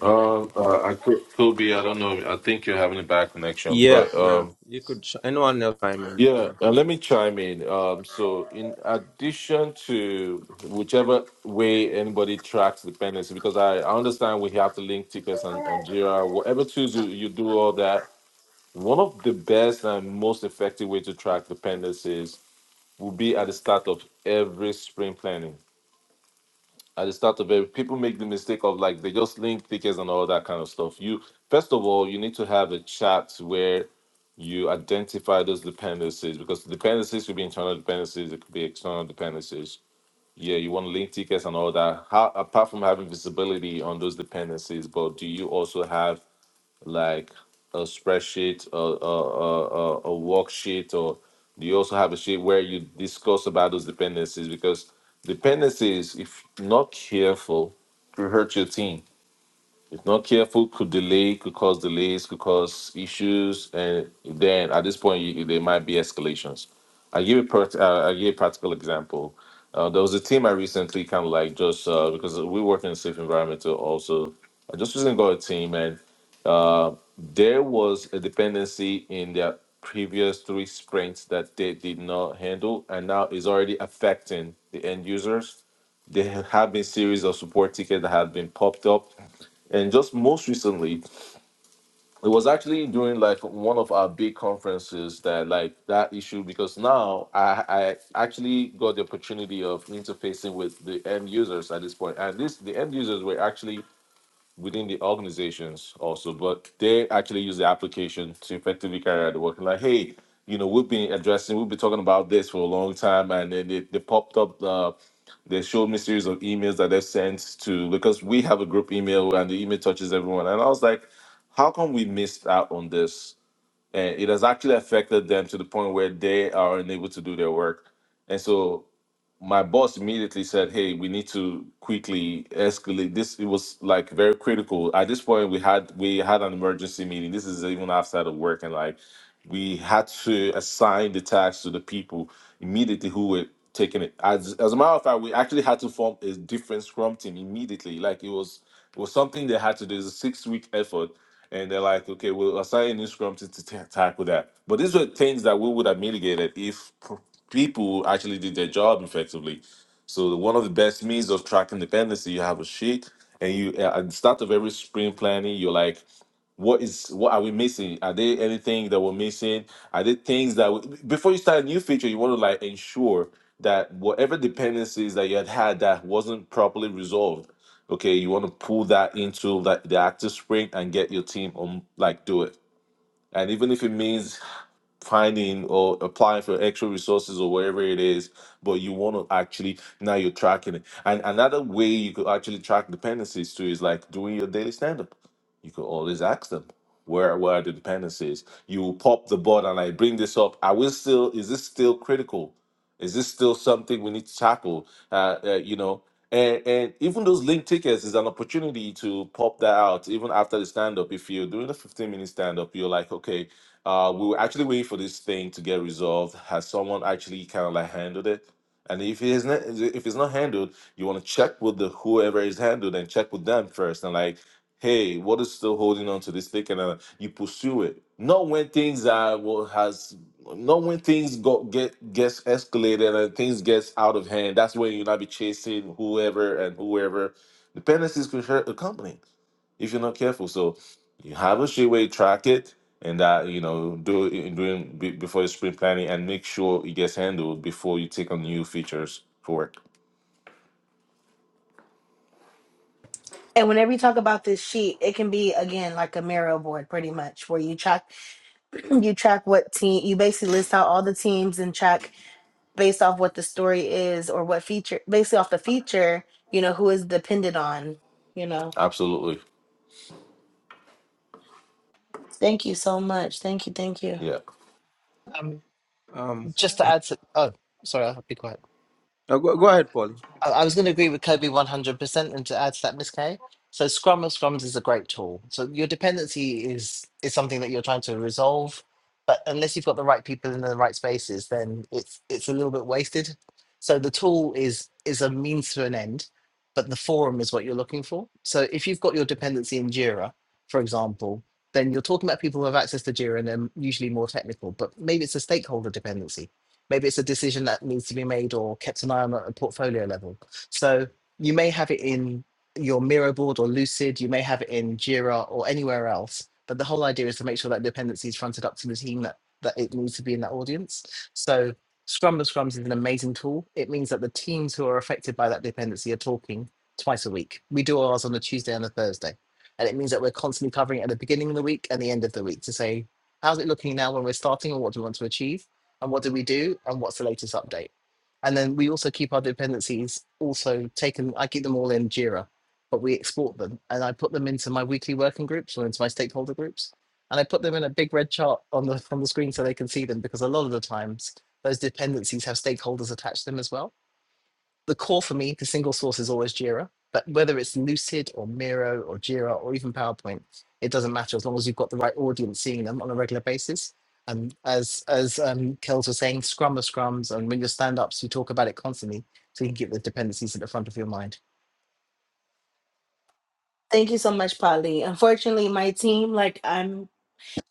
Uh, uh I could, could be. I don't know. I think you're having a bad connection, Yeah, but yeah. um, You could ch- anyone else I mean yeah. Uh, let me chime in. Um, so in addition to whichever way anybody tracks dependency, because I, I understand we have to link tickets on, on Jira, whatever tools you, you do all that. One of the best and most effective way to track dependencies will be at the start of every spring planning. At the start of every, people make the mistake of like they just link tickets and all that kind of stuff. You first of all, you need to have a chat where you identify those dependencies because dependencies could be internal dependencies, it could be external dependencies. Yeah, you want to link tickets and all that. How apart from having visibility on those dependencies, but do you also have like a spreadsheet a a, a, a a worksheet or do you also have a sheet where you discuss about those dependencies because dependencies if not careful will hurt your team if not careful, could delay, could cause delays, could cause issues, and then at this point, you, there might be escalations. I give a prac- uh, I give a practical example. Uh, there was a team I recently kind of like just uh, because we work in a safe environment too also. I just recently got a team, and uh, there was a dependency in their previous three sprints that they did not handle, and now is already affecting the end users there have been series of support tickets that have been popped up and just most recently, it was actually during like one of our big conferences that like that issue because now I, I actually got the opportunity of interfacing with the end users at this point. And this the end users were actually within the organizations also, but they actually use the application to effectively carry out the work. Like, hey, you know, we've been addressing, we've been talking about this for a long time, and then they, they popped up. Uh, they showed me series of emails that they've sent to because we have a group email and the email touches everyone. And I was like, how come we missed out on this? And it has actually affected them to the point where they are unable to do their work. And so my boss immediately said, "Hey, we need to quickly escalate this." It was like very critical. At this point, we had we had an emergency meeting. This is even outside of work, and like we had to assign the tasks to the people immediately who were taking it. As as a matter of fact, we actually had to form a different scrum team immediately. Like it was it was something they had to do. It's a six week effort and they're like, okay, we'll assign a new scrum to, to ta- tackle that. But these were things that we would have mitigated if p- people actually did their job effectively. So one of the best means of tracking dependency, you have a sheet, and you uh, at the start of every sprint planning, you're like what is what are we missing are there anything that we're missing are there things that we, before you start a new feature you want to like ensure that whatever dependencies that you had had that wasn't properly resolved okay you want to pull that into like the active spring and get your team on like do it and even if it means finding or applying for extra resources or wherever it is, but you want to actually now you're tracking it. And another way you could actually track dependencies too is like doing your daily stand up. You could always ask them where where are the dependencies. You will pop the board and I bring this up. Are we still is this still critical? Is this still something we need to tackle? Uh, uh, you know, and and even those link tickets is an opportunity to pop that out even after the stand up. If you're doing a 15 minute stand up, you're like, okay, uh, we were actually waiting for this thing to get resolved. Has someone actually kind of like handled it? And if it is not, if it's not handled, you want to check with the whoever is handled and check with them first. And like, hey, what is still holding on to this thing? And uh, you pursue it. Not when things are well, has not when things go get gets escalated and things gets out of hand. That's when you not be chasing whoever and whoever. Dependencies can hurt a company if you're not careful. So you have a sheet way track it and that you know do it in- doing be- before your sprint planning and make sure it gets handled before you take on new features for work. And whenever you talk about this sheet, it can be again like a Miro board, pretty much, where you track you track what team you basically list out all the teams and track based off what the story is or what feature basically off the feature you know who is dependent on you know Absolutely. thank you so much thank you thank you Yeah. Um, Um, just to add to, oh, sorry, I'll be quiet. uh, go, go ahead, Polly. I I was going to agree with Kobe 100% and to add to that, Miss Kay. So Scrum of Scrums is a great tool. So your dependency is is something that you're trying to resolve, but unless you've got the right people in the right spaces, then it's it's a little bit wasted. So the tool is is a means to an end, but the forum is what you're looking for. So if you've got your dependency in Jira, for example, then you're talking about people who have access to Jira and they're usually more technical, but maybe it's a stakeholder dependency Maybe it's a decision that needs to be made or kept an eye on at a portfolio level. So you may have it in your Miro board or Lucid, you may have it in Jira or anywhere else. But the whole idea is to make sure that dependency is fronted up to the team that, that it needs to be in that audience. So Scrum of Scrums is an amazing tool. It means that the teams who are affected by that dependency are talking twice a week. We do ours on a Tuesday and a Thursday. And it means that we're constantly covering it at the beginning of the week and the end of the week to say, how's it looking now when we're starting or what do we want to achieve? and what do we do and what's the latest update and then we also keep our dependencies also taken i keep them all in jira but we export them and i put them into my weekly working groups or into my stakeholder groups and i put them in a big red chart on the on the screen so they can see them because a lot of the times those dependencies have stakeholders attached to them as well the core for me, the single source is always Jira. But whether it's Lucid or Miro or Jira or even PowerPoint, it doesn't matter as long as you've got the right audience seeing them on a regular basis. And as as um, Kels was saying, Scrum are Scrums, and when you're stand ups, you talk about it constantly, so you can keep the dependencies at the front of your mind. thank you so much polly unfortunately my team like i'm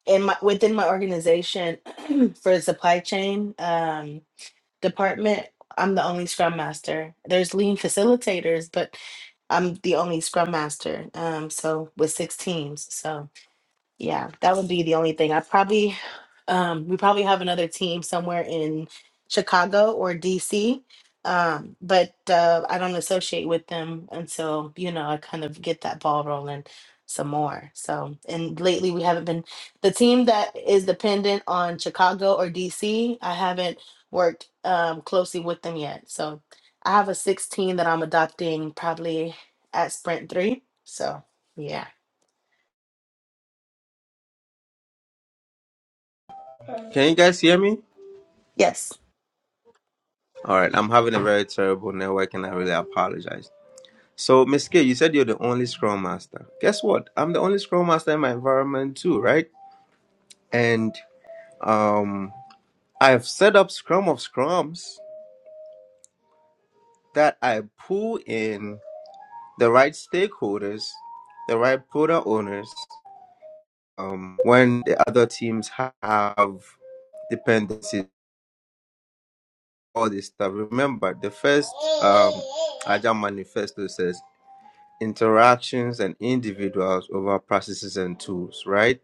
in my within my organization for supply chain um. department, I'm the only scrum master. There's lean facilitators, but I'm the only scrum master. Um, so with six teams. So yeah, that would be the only thing. I probably, um, we probably have another team somewhere in Chicago or DC, um, but uh, I don't associate with them until, you know, I kind of get that ball rolling some more. So, and lately we haven't been, the team that is dependent on Chicago or DC, I haven't worked um, closely with them yet. So I have a 16 that I'm adopting probably at Sprint 3. So, yeah. Can you guys hear me? Yes. All right, I'm having a very terrible network, and I really apologize. So, Miss K, you said you're the only Scrum Master. Guess what? I'm the only Scrum Master in my environment too, right? And um, I've set up Scrum of Scrums. that I pull in the right stakeholders, the right product owners, um, when the other teams have dependencies, all this stuff. Remember, the first um, Agile manifesto says interactions and individuals over processes and tools, right?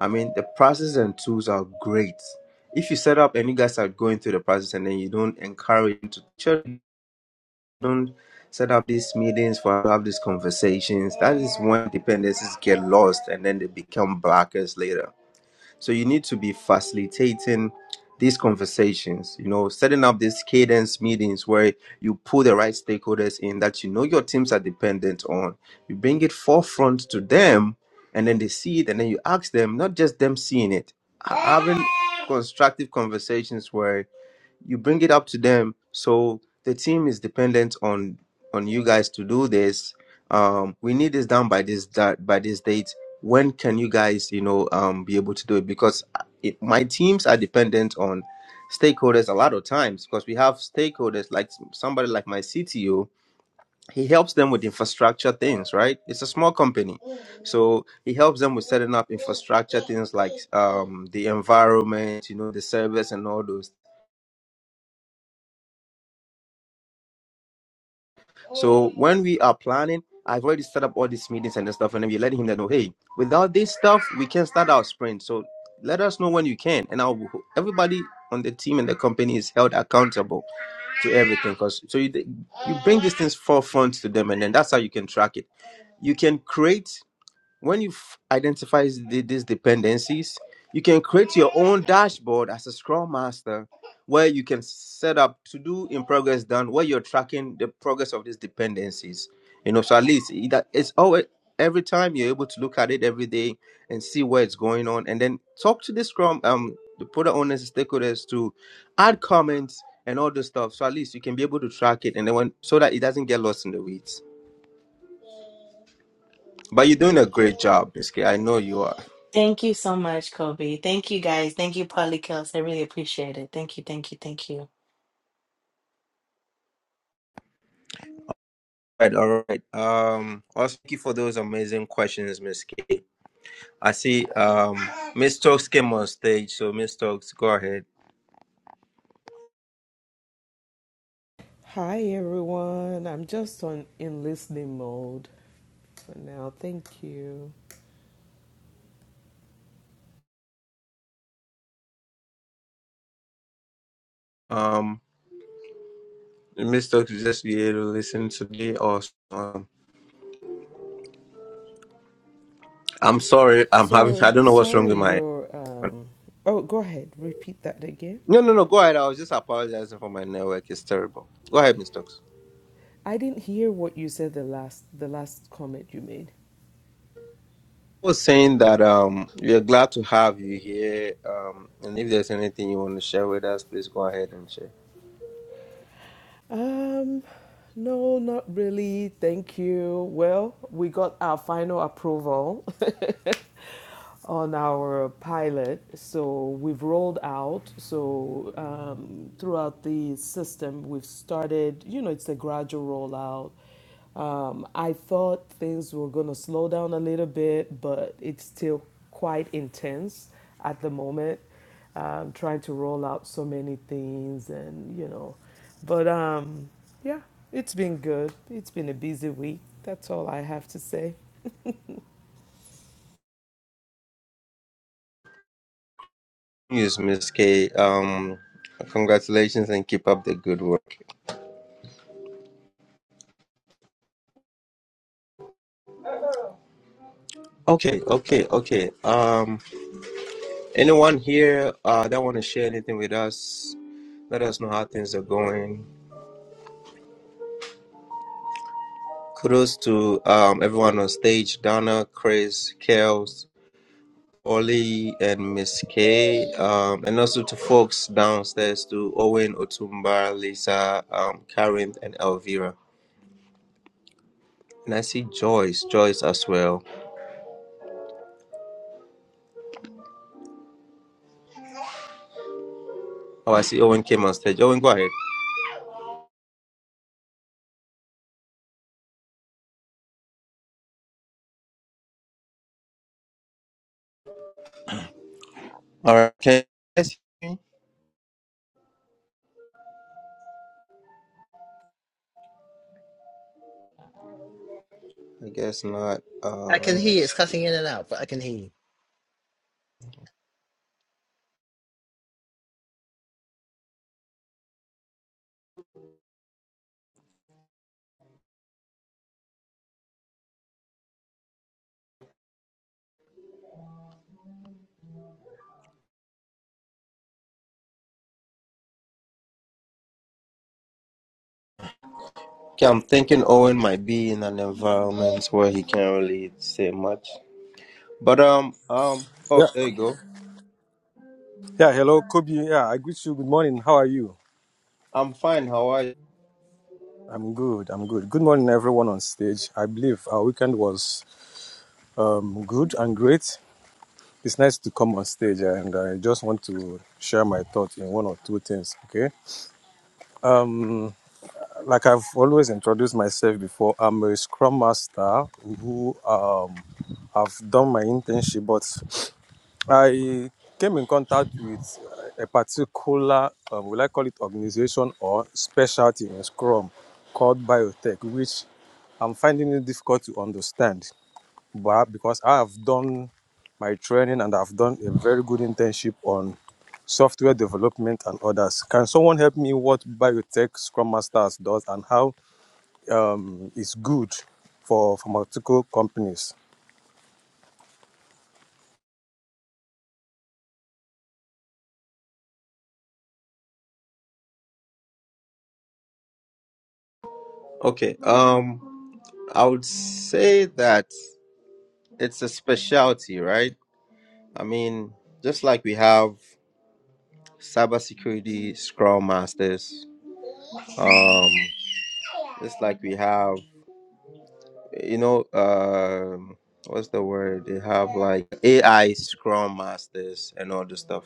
I mean, the processes and tools are great. If you set up and you guys are going through the process and then you don't encourage them to don't set up these meetings for have these conversations, that is when dependencies get lost and then they become blockers later. So you need to be facilitating these conversations, you know, setting up these cadence meetings where you pull the right stakeholders in that you know your teams are dependent on. You bring it forefront to them and then they see it and then you ask them, not just them seeing it, having constructive conversations where you bring it up to them so the team is dependent on on you guys to do this um we need this done by this that by this date when can you guys you know um be able to do it because uh, it, my teams are dependent on stakeholders a lot of times because we have stakeholders like s- somebody like my cto he helps them with infrastructure things right it's a small company so he helps them with setting up infrastructure things like um the environment you know the service and all those So when we are planning, I've already set up all these meetings and the stuff, and then we're letting him know, hey, without this stuff, we can not start our sprint. So let us know when you can, and I'll everybody on the team and the company is held accountable to everything. Cause so you you bring these things forefront to them, and then that's how you can track it. You can create when you identify the- these dependencies, you can create your own dashboard as a Scrum Master where you can set up to do in progress done where you're tracking the progress of these dependencies. You know, so at least it- that it's always every time you're able to look at it every day and see where it's going on, and then talk to the Scrum um the product owners, and stakeholders to add comments and all this stuff. So at least you can be able to track it, and then when so that it doesn't get lost in the weeds. But you're doing a great job, Miss K. I know you are. Thank you so much, Kobe. Thank you guys. Thank you, Polly Kels. I really appreciate it. Thank you, thank you, thank you. right, all right. Um, also thank you for those amazing questions, Miss K. I see um Miss Stokes came on stage, so Miss Stokes, go ahead. Hi everyone. I'm just on in listening mode for now. Thank you. Um Miss Stokes you just be able to listen to the awesome. Um, I'm sorry, I'm having I Sorry, don't know what's wrong sorry. with my Your um. Oh, go ahead. Repeat that again. no no no go ahead. I was just apologizing for my network, it's terrible. Go ahead, Miss Stokes. I didn't hear what you said the last the last comment you made. I was saying that um we're glad to have you here. Um and if there's anything you want to share with us, please go ahead and share. Um, no, not really. Thank you. Well, we got our final approval on our pilot. So we've rolled out. So um, throughout the system, we've started, you know, it's a gradual rollout. Um, I thought things were going to slow down a little bit, but it's still quite intense at the moment, um, trying to roll out so many things and, you know, but um, yeah, it's been good. It's been a busy week. That's all I have to say. Yes, Miss K. Um, congratulations and keep up the good work. Okay, okay, okay. Um, anyone here uh, that want to share anything with us? Let us know how things are going. Kudos to um, everyone on stage: Donna, Chris, Kels, Ollie, and Miss K. Um, and also to folks downstairs: to Owen, Otumba, Lisa, um, Karen, and Elvira. And I see Joyce, Joyce as well. Oh, I see Owen came on stage. Owen, go ahead. All right, can you guys hear me? I guess not. Uh, I let can me hear you. It's see. cutting in and out, but I can hear you. Okay, I'm thinking Owen might be in an environment where he can't really say much. But um um oh Yeah, there you go. yeah. Hello, Kobe. Yeah, I greet you. Good morning. How are you? I'm fine. How are you? I'm good. I'm good. Good morning, everyone on stage. I believe our weekend was um, good and great. It's nice to come on stage, yeah, and I just want to share my thoughts in one or two things. Okay. Um, like I've always introduced myself before, I'm a Scrum Master who um, I've done my internship, but I came in contact with uh, a particular, uh, will I call it organization or specialty in Scrum called Biotech, which I'm finding it difficult to understand. But because I have done my training and I've done a very good internship on software development and others, can someone help me what Biotech Scrum Masters does and how um, it's good for pharmaceutical companies? Okay. Um, I would say that it's a specialty, right? I mean, just like we have cybersecurity scrum masters, um, just like we have you know, um, what's the word? They have like AI Scrum Masters and all this stuff.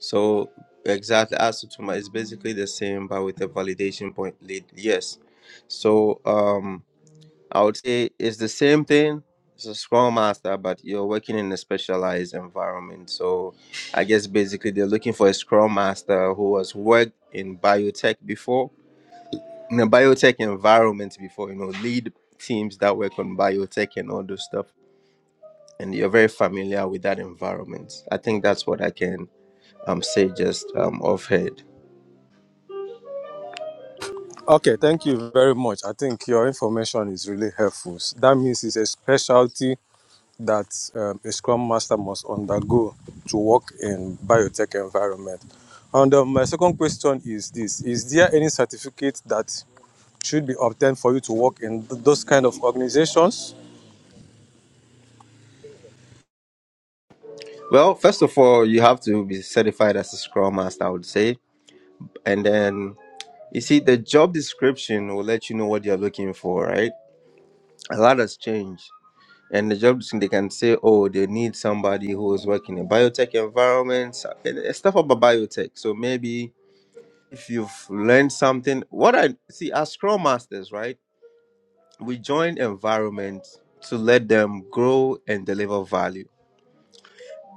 So exactly as Sutuma, it's basically the same, but with a validation point lead. Yes. So um, I would say it's the same thing. It's a Scrum Master, but you're working in a specialized environment. So I guess basically they're looking for a Scrum Master who has worked in biotech before in a biotech environment before, you know, lead teams that work on biotech and all those stuff. And you're very familiar with that environment. I think that's what I can um, say just um, offhand. Okay, thank you very much. I think your information is really helpful. That means it's a specialty that um, a Scrum Master must undergo to work in biotech environment. And um, my second question is this: Is there any certificate that should be obtained for you to work in th- those kind of organizations? Well, first of all, you have to be certified as a Scrum Master, I would say. And then, you see, the job description will let you know what you're looking for, right? A lot has changed. And the job description, they can say, oh, they need somebody who is working in a biotech environment, and it's stuff about biotech. So maybe if you've learned something what i see as scrum masters right we join environments to let them grow and deliver value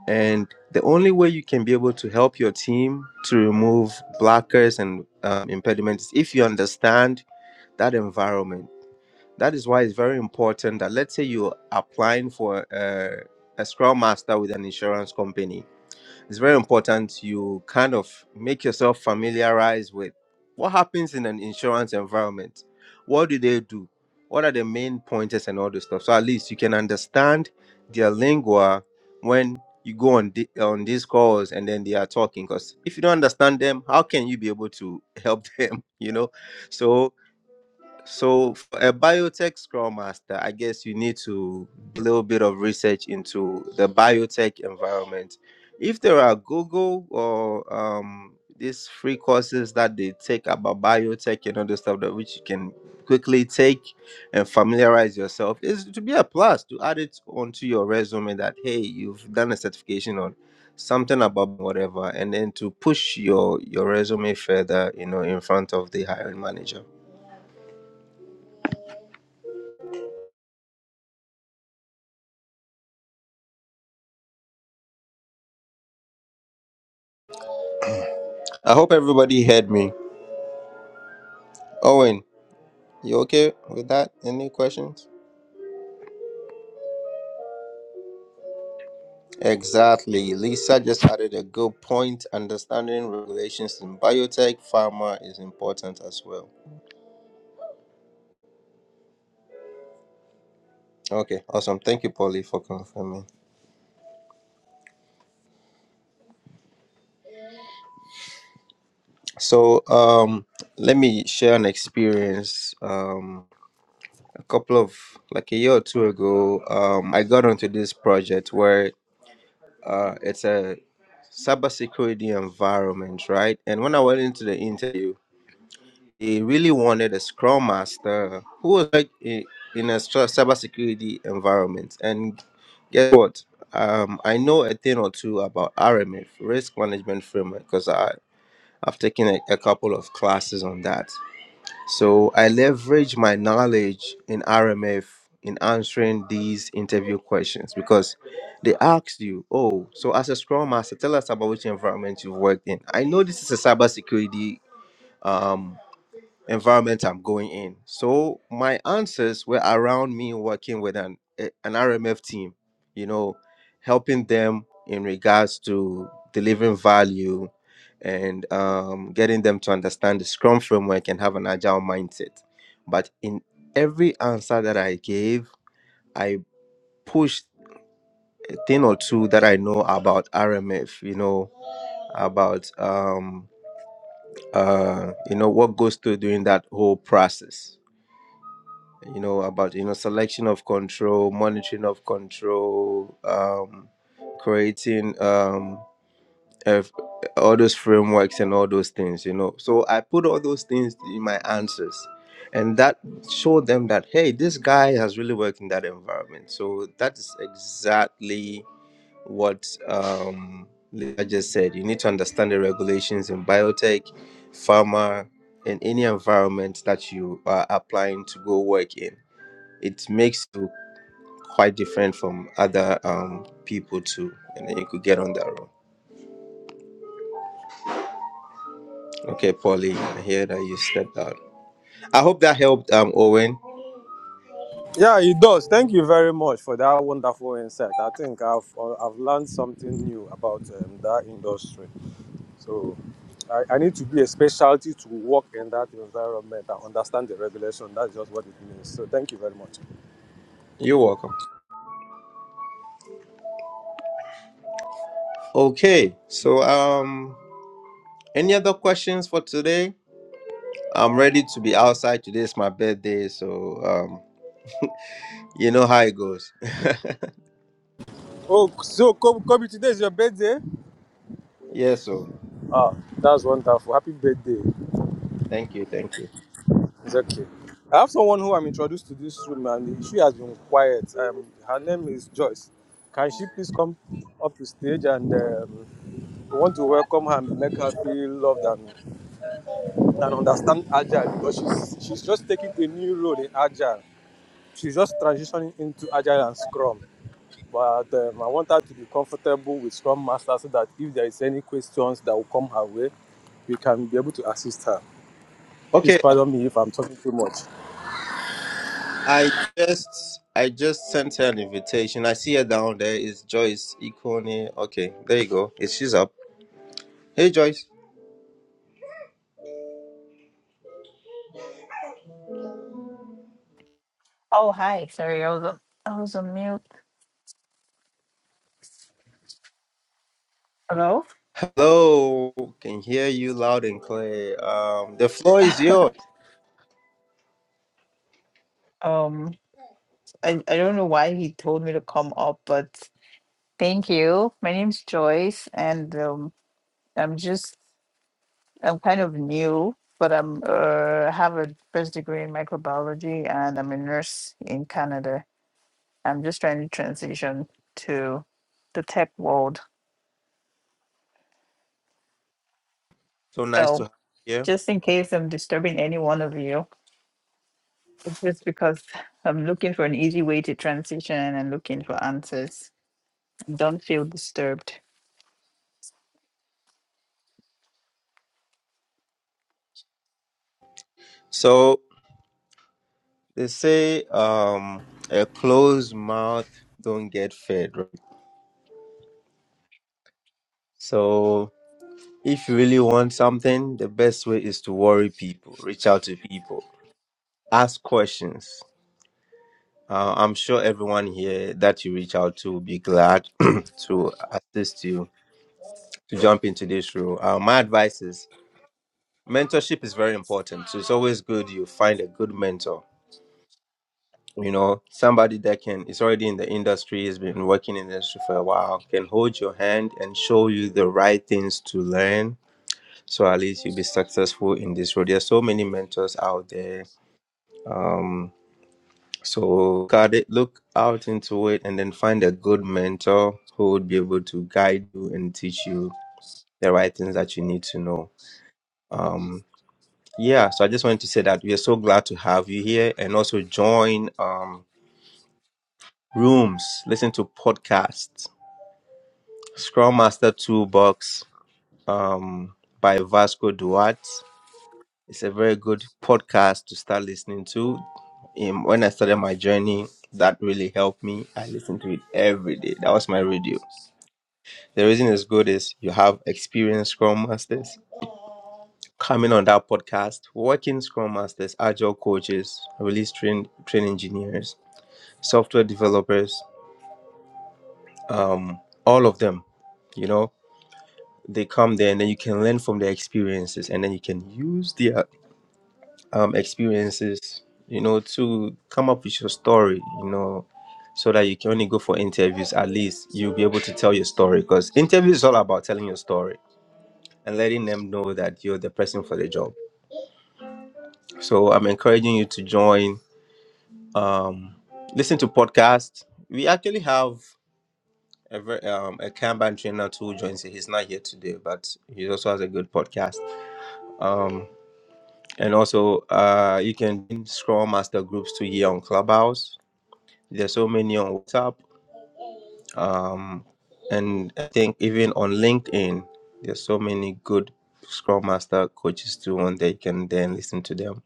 and the only way you can be able to help your team to remove blockers and um, impediments is if you understand that environment that is why it's very important that let's say you're applying for a, a scrum master with an insurance company it's very important you kind of make yourself familiarize with what happens in an insurance environment. What do they do? What are the main pointers and all this stuff? So at least you can understand their lingua when you go on the, on these calls and then they are talking. Because if you don't understand them, how can you be able to help them? You know, so so, for a biotech scrum master, I guess you need to do a little bit of research into the biotech environment. If there are Google or um, these free courses that they take about biotech and other stuff that which you can quickly take and familiarize yourself, is to be a plus to add it onto your resume that hey, you've done a certification on something about whatever, and then to push your your resume further, you know, in front of the hiring manager. I hope everybody heard me. Owen, you okay with that? Any questions? Exactly. Lisa just added a good point. Understanding regulations in biotech, pharma is important as well. Okay, awesome. Thank you, Polly, for confirming. So, um, let me share an experience. Um, a couple of like a year or two ago, um, I got onto this project where uh, it's a cybersecurity environment, right? And when I went into the interview, They really wanted a scrum master who was like i- in a stra- cybersecurity environment. And guess what? Um, I know a thing or two about RMF, risk management framework, because I I've taken a, a couple of classes on that. So I leverage my knowledge in RMF in answering these interview questions because they asked you, oh, so as a scrum master, tell us about which environment you've worked in. I know this is a cybersecurity. um, environment I'm going in. So my answers were around me working with an a- an RMF team, you know, helping them in regards to delivering value and um, getting them to understand the Scrum framework and have an agile mindset. But in every answer that I gave, I pushed a thing or two that I know about RMF, you know, about um, uh, you know what goes through during that whole process you know about you know selection of control monitoring of control um creating um f- all those frameworks and all those things you know so i put all those things in my answers and that showed them that hey this guy has really worked in that environment so that is exactly what um i just said you need to understand the regulations in biotech pharma in any environment that you are applying to go work in it makes you quite different from other um, people too and then you could get on that road okay polly i hear that you stepped out i hope that helped um owen Yeah, it does. Thank you very much for that wonderful insight. I think I've uh, I've learned something new about um, that industry. So I, I need to be a specialty to work in that environment and understand the regulation. That's just what it means. So thank you very much. you're welcome okay so um any other questions for today i'm ready to be outside today is my birthday so um you know how it goes Oh, so Kobe, Kobe, today is your birthday. yes so Ah, that's wonderful. Happy birthday. thank you thank you It's okay. I have someone who I'm introduced to this room, and she has been quiet. Um, her name is Joyce. Can she please come up to stage and um, we want to welcome her and make her feel loved and, and understand Agile because she's she's just taking a new role in Agile. She's just transitioning into Agile and Scrum. But um, I want her to be comfortable with Scrum Master so that if there is any questions that will come her way, we can be able to assist her. Please okay uh, pardon me if I'm talking too much. i just I just sent her an invitation. I see her down there. It's Joyce Ikone. Okay, there you go. It's she's up. Hey Joyce. Oh, hi. Sorry, I was on- I was on mute. Hello. Hello. Can hear you loud and clear. Um the floor is yours. Um, I I don't know why he told me to come up, but thank you. My name's Joyce, and um, I'm just I'm kind of new, but I'm uh have a first degree in microbiology, and I'm a nurse in Canada. I'm just trying to transition to the tech world. So nice to So have you here. just in case I'm disturbing any one of you, it's just because I'm looking for an easy way to transition and looking for answers. Don't feel disturbed. So they say um a closed mouth don't get fed, right? So if you really want something, the best way is to worry people, reach out to people, ask questions. Uh, I'm sure everyone here that you reach out to will be glad to assist you to jump into this role. Uh, my advice is mentorship is very important so it's always good you find a good mentor you know somebody that can is already in the industry has been working in the industry for a while can hold your hand and show you the right things to learn so at least you'll be successful in this road There are so many mentors out there um so got it look out into it and then find a good mentor who would be able to guide you and teach you the right things that you need to know yeah so i just wanted to say that we are so glad to have you here and also join um rooms, listen to podcasts. Scrum Master Toolbox um, by Vasco Duarte. It's a very good podcast to start listening to. Um, when I started my journey, that really helped me. I listened to it every day. That was my radio. The reason it's good is you have experienced Scrum Masters coming on that podcast, working Scrum Masters, Agile coaches, release train, train engineers, software developers, um, all of them. You know, they come there and then you can learn from their experiences and then you can use their um, experiences you know to come up with your story you know so that you can only go for interviews at least you'll be able to tell your story because interview is all about telling your story and letting them know that you're the person for the job so i'm encouraging you to join um, listen to podcasts we actually have a, ver- um, a kanban trainer too who joins it he's not here today but he also has a good podcast Um, And also, uh, you can join Scrum Master groups to here on Clubhouse. There's so many on WhatsApp, um, and I think even on LinkedIn, there's so many good Scrum Master coaches too, and they can then listen to them.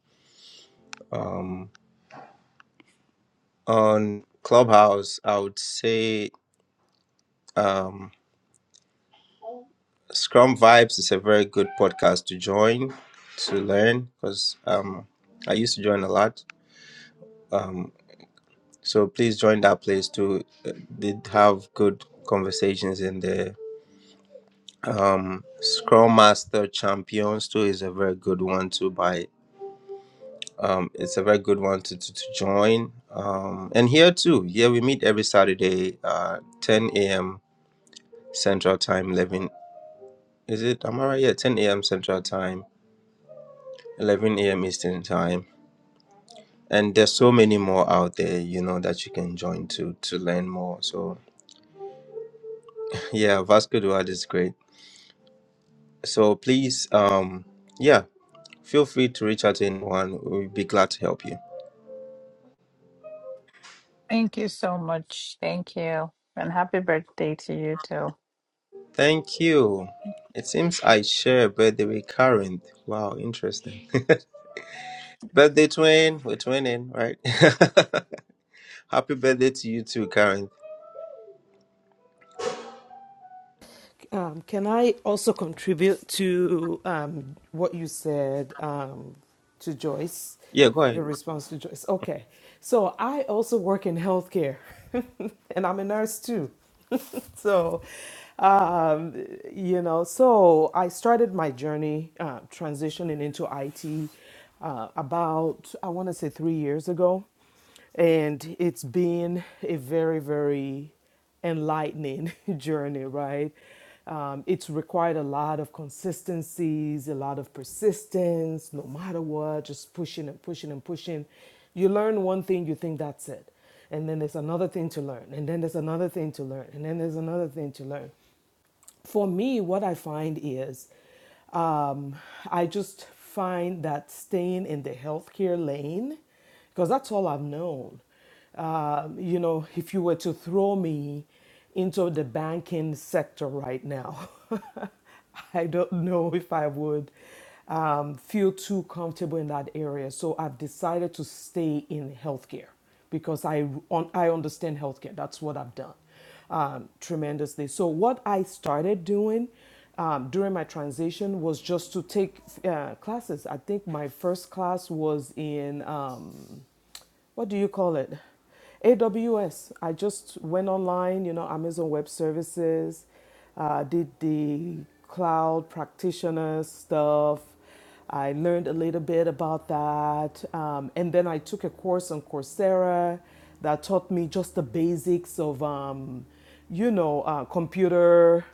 Um, on Clubhouse, I would say um, Scrum Vibes is a very good podcast to join to learn because um, I used to join a lot. um, So please join that place to uh, did have good conversations in there. Um, Scrum Master Champions too is a very good one too. By um, it's a very good one to to, to join. Um, and here too, here we meet every Saturday, uh, 10 a.m. Central Time. 11 is it? Am I right? Yeah, 10 a.m. Central Time, 11 a.m. Eastern Time. And there's so many more out there, you know, that you can join to to learn more. So yeah, Vasco Duad is great. So please, um, yeah, feel free to reach out to anyone. We'll be glad to help you. Thank you so much. Thank you. And happy birthday to you too. Thank you. It seems I share a birthday with Karen. Wow, interesting. birthday twin. We're twinning, right? Happy birthday to you too, Karen. Um, can I also contribute to um, what you said um, to Joyce? Yeah, go ahead. Your response to Joyce. Okay. So I also work in healthcare and I'm a nurse too. so um, you know so i started my journey uh, transitioning into it uh, about i want to say three years ago and it's been a very very enlightening journey right um, it's required a lot of consistencies a lot of persistence no matter what just pushing and pushing and pushing you learn one thing you think that's it and then there's another thing to learn and then there's another thing to learn and then there's another thing to learn for me, what I find is um, I just find that staying in the healthcare lane, because that's all I've known. Um, you know, if you were to throw me into the banking sector right now, I don't know if I would um, feel too comfortable in that area. So I've decided to stay in healthcare because I, un- I understand healthcare. That's what I've done um, tremendously. So, what I started doing um, during my transition was just to take uh, classes. I think my first class was in. Um, what do you call it? AWS. I just went online, you know, Amazon Web Services, uh, did the cloud practitioner stuff. I learned a little bit about that. Um, and then I took a course on Coursera that taught me just the basics of, um, you know, uh, computer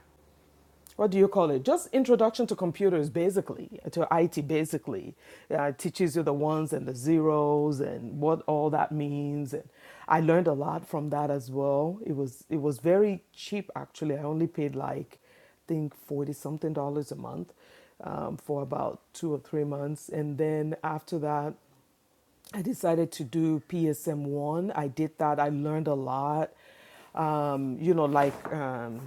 what do you call it? Just introduction to computers, basically, to IT, basically. Uh, teaches you the ones and the zeros and what all that means. And I learned a lot from that as well. It was it was very cheap actually. I only paid like I think forty something dollars a month um, for about two or three months, and then after that, I decided to do PSM one. I did that. I learned a lot. Um, you know, like um,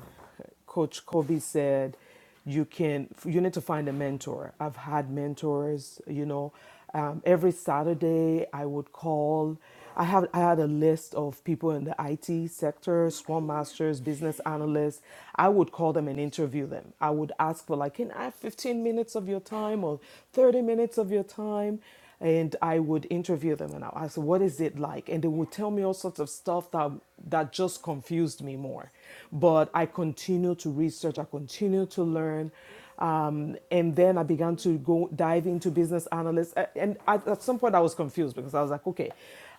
Coach Kobe said, you can you need to find a mentor. I've had mentors. You know, um, every Saturday I would call. I have I had a list of people in the IT sector, scrum masters, business analysts. I would call them and interview them. I would ask for like, can I have 15 minutes of your time or 30 minutes of your time? and I would interview them and I'll ask, what is it like? And they would tell me all sorts of stuff that that just confused me more. But I continued to research, I continued to learn. Um, and then I began to go dive into business analysts. And at, at some point, I was confused because I was like, okay,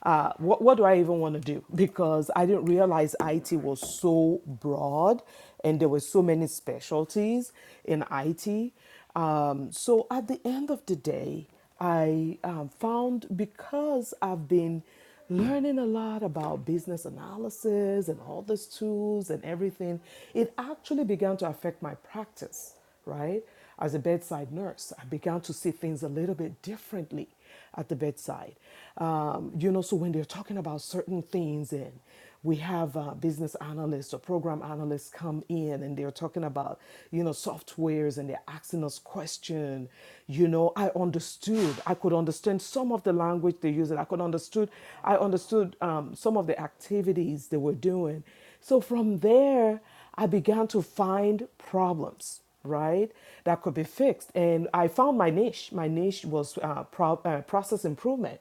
uh, what, what do I even want to do? Because I didn't realize IT was so broad and there were so many specialties in IT. Um, so at the end of the day, I um, found because I've been learning a lot about business analysis and all these tools and everything, it actually began to affect my practice, right? As a bedside nurse, I began to see things a little bit differently at the bedside. Um, you know, so when they're talking about certain things and we have uh, business analysts or program analysts come in and they're talking about you know softwares and they're asking us question you know i understood i could understand some of the language they used i could understood i understood um, some of the activities they were doing so from there i began to find problems right that could be fixed and i found my niche my niche was uh, pro- uh, process improvement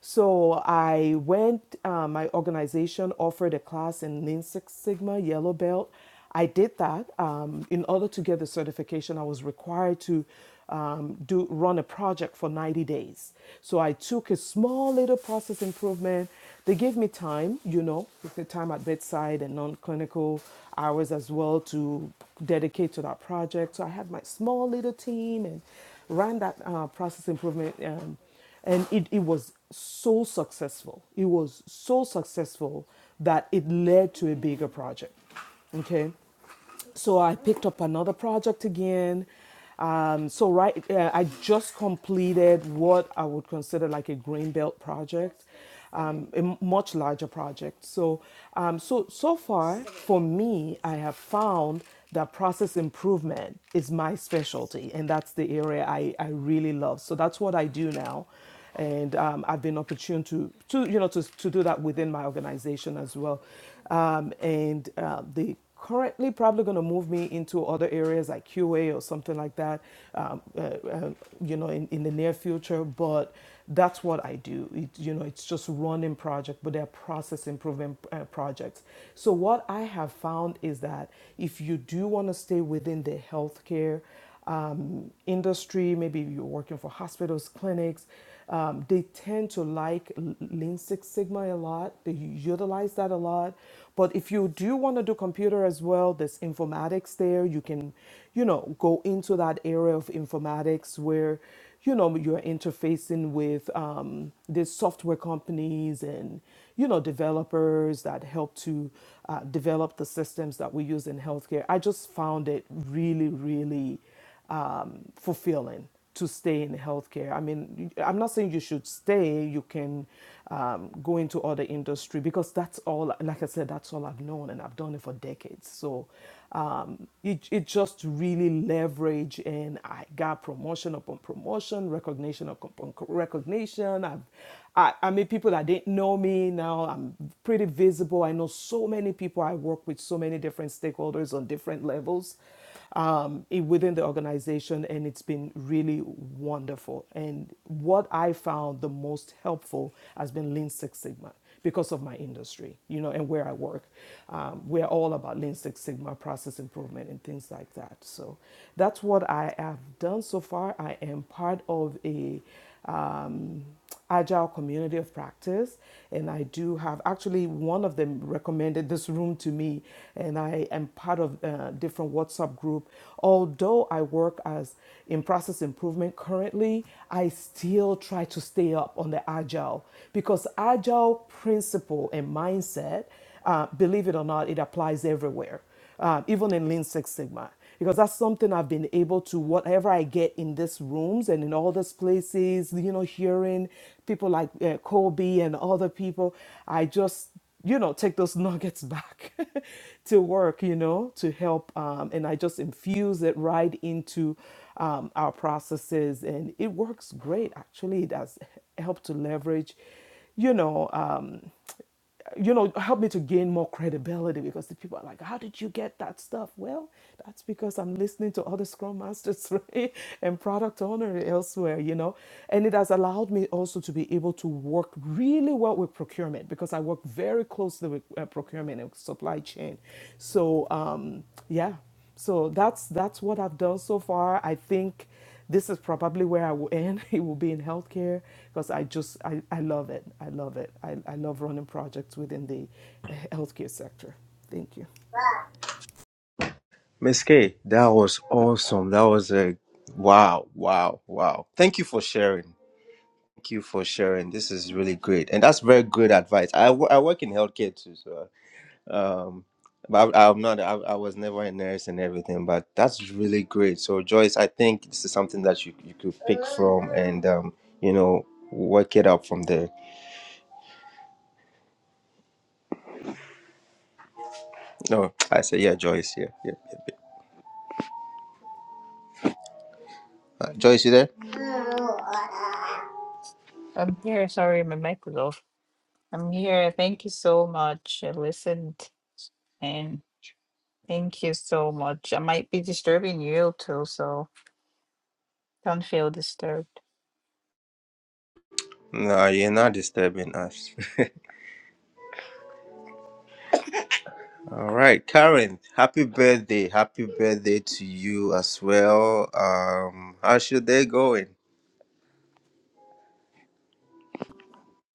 so I went, uh, my organization offered a class in Lean Six Sigma Yellow Belt. I did that. Um, in order to get the certification, I was required to um, do run a project for 90 days. So I took a small little process improvement. They gave me time, you know, with the time at bedside and non-clinical hours as well to dedicate to that project. So I had my small little team and ran that uh, process improvement. Um, and it, it was so successful it was so successful that it led to a bigger project okay so i picked up another project again um, so right uh, i just completed what i would consider like a green belt project um, a m- much larger project so um, so so far for me i have found that process improvement is my specialty and that's the area I, I really love so that's what i do now and um, I've been opportune to, to you know to, to do that within my organization as well. Um, and uh, they currently probably going to move me into other areas like QA or something like that, um, uh, uh, you know, in, in the near future. But that's what I do. It, you know, it's just running project, but they're process improvement uh, projects. So what I have found is that if you do want to stay within the healthcare industry, maybe you're working for hospitals, clinics, um, they tend to like Lean Six Sigma a lot. They utilize that a lot. But if you do want to do computer as well, there's informatics there. You can, you know, go into that area of informatics where, you know, you're interfacing with um, these software companies and, you know, developers that help to uh, develop the systems that we use in healthcare. I just found it really, really um, fulfilling to stay in healthcare. I mean, I'm not saying you should stay. You can um, go into other industry because that's all. Like I said, that's all I've known, and I've done it for decades. So um, it it just really leverage, and I got promotion upon promotion, recognition upon recognition. I've I, I mean, people that didn't know me now, I'm pretty visible. I know so many people. I work with so many different stakeholders on different levels um, within the organization, and it's been really wonderful. And what I found the most helpful has been Lean Six Sigma because of my industry, you know, and where I work. Um, we're all about Lean Six Sigma, process improvement, and things like that. So that's what I have done so far. I am part of a um, agile community of practice and i do have actually one of them recommended this room to me and i am part of a different whatsapp group although i work as in process improvement currently i still try to stay up on the agile because agile principle and mindset uh, believe it or not it applies everywhere um, even in Lean Six Sigma, because that's something I've been able to, whatever I get in these rooms and in all these places, you know, hearing people like uh, Kobe and other people, I just, you know, take those nuggets back to work, you know, to help. Um, and I just infuse it right into um, our processes. And it works great, actually. It has helped to leverage, you know. Um, you know, help me to gain more credibility because the people are like, How did you get that stuff? Well, that's because I'm listening to other Scrum Masters right? and product owner elsewhere, you know. And it has allowed me also to be able to work really well with procurement because I work very closely with uh, procurement and supply chain. So, um, yeah, so that's that's what I've done so far. I think this is probably where I will end. It will be in healthcare because I just, I, I love it. I love it. I, I love running projects within the uh, healthcare sector. Thank you. Miss K, that was awesome. That was a wow, wow, wow. Thank you for sharing. Thank you for sharing. This is really great. And that's very good advice. I, wo- I work in healthcare too, so Um, but I, I'm not. I, I was never a nurse and everything, but that's really great. So Joyce, I think this is something that you you could pick from and um, you know, work it up from there. No, I say yeah, Joyce. Yeah, yeah, yeah. yeah. Uh, Joyce, you there? I'm here. Sorry, my mic was off. I'm here. Thank you so much. I listened and thank you so much. I might be disturbing you too, so don't feel disturbed. No, you're not disturbing us. All right, Karen, happy birthday. Happy birthday to you as well. Um, how's your day going?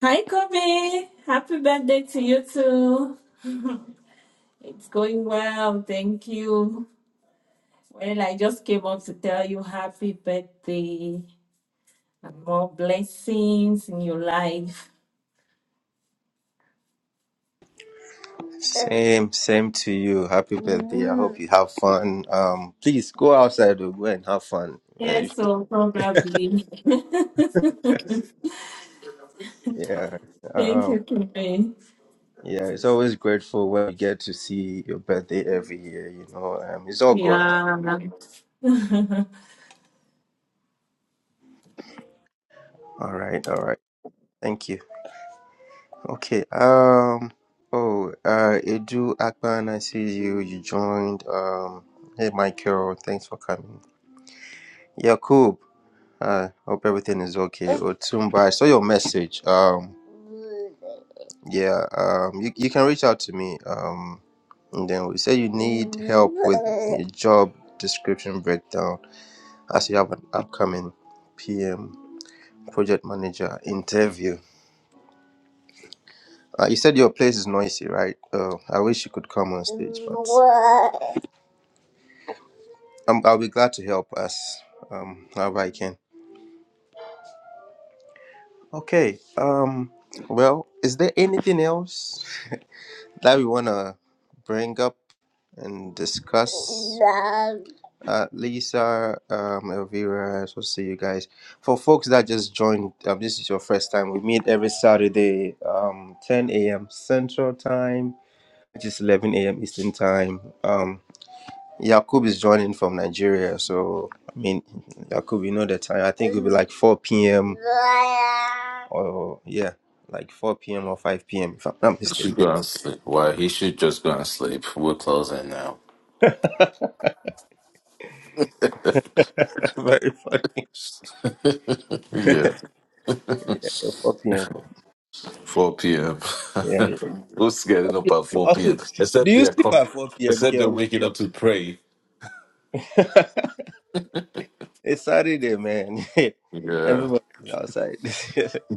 Hi, Kobe. Happy birthday to you too. It's going well. Thank you. Well, I just came up to tell you happy birthday and more blessings in your life. Same, same to you. Happy birthday. I Yeah. hope you have fun. Um, please go outside or go and have fun. Uh, Yes, so probably. Yeah. Thank Um, you, Kobe. yeah, it's always grateful when we get to see your birthday every year, you know. Um, it's all God. Yeah. All right, all right. Thank you. Okay. Um oh uh Edu Akban, I see you. You joined. Um hey Michael, thanks for coming. Yakub, uh hope everything is okay. Otumba, I saw your message. Um. Yeah, um, you, you can reach out to me. Um, and then we say you need help with your job description breakdown as you have an upcoming PM project manager interview. Uh, you said your place is noisy, right? Uh, I wish you could come on stage, but um, I'll be glad to help us um, however I can. Okay. Um, well, is there anything else that we want to bring up and discuss? uh, Lisa, um, Elvira. So see you guys. For folks that just joined, um, this is your first time. We meet every Saturday, um, 10 a.m. Central Time, which is 11 a.m. Eastern Time. Um, Yakub is joining from Nigeria, so I mean, Yakub, you know the time. I think it'll be like 4 p.m. or yeah, like 4 p.m. or 5 p.m. If I'm not You should mistaken. go and sleep. Why? He should just go and sleep. We're closing now. Very funny. Yeah, 4 p.m. 4 p.m. Yeah. Who's getting up yeah. at 4 Oh, p.m.? do Except you they're sleep com- at 4 p.m. Except they're girls? waking up to pray. It's Saturday, man. Yeah. Everybody's outside.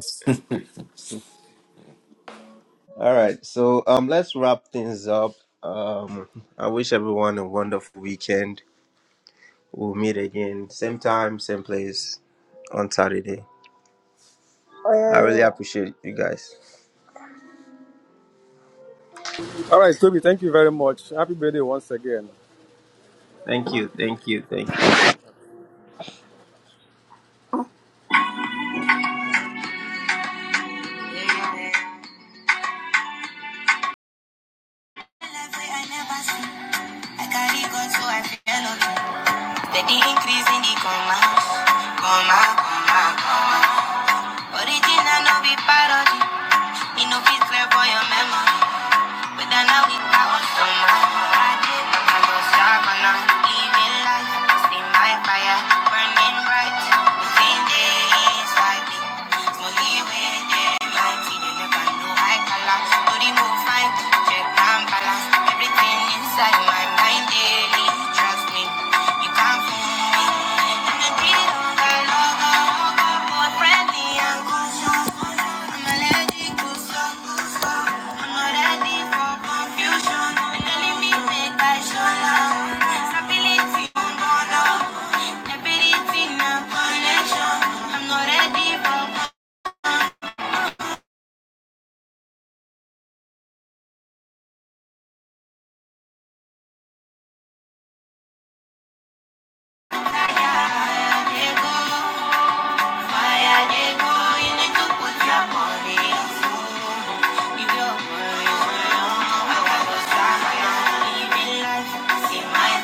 All right, so um, let's wrap things up. Um, I wish everyone a wonderful weekend. We'll meet again, same time, same place on Saturday. I really appreciate you guys. All right, Toby, thank you very much. Happy birthday once again. Thank you, thank you, thank you. Steady increase in the comma, comma, comma, comma. Original no be parody. Me no fit clear for your memo. But then I so mad. I did, I was sharp, I'm not See my fire burning bright. Within days, I did. Slowly within my teeth, you never know I collapse. the move, fine, check and balance. Everything inside my mind daily, trust me. You can't fool me.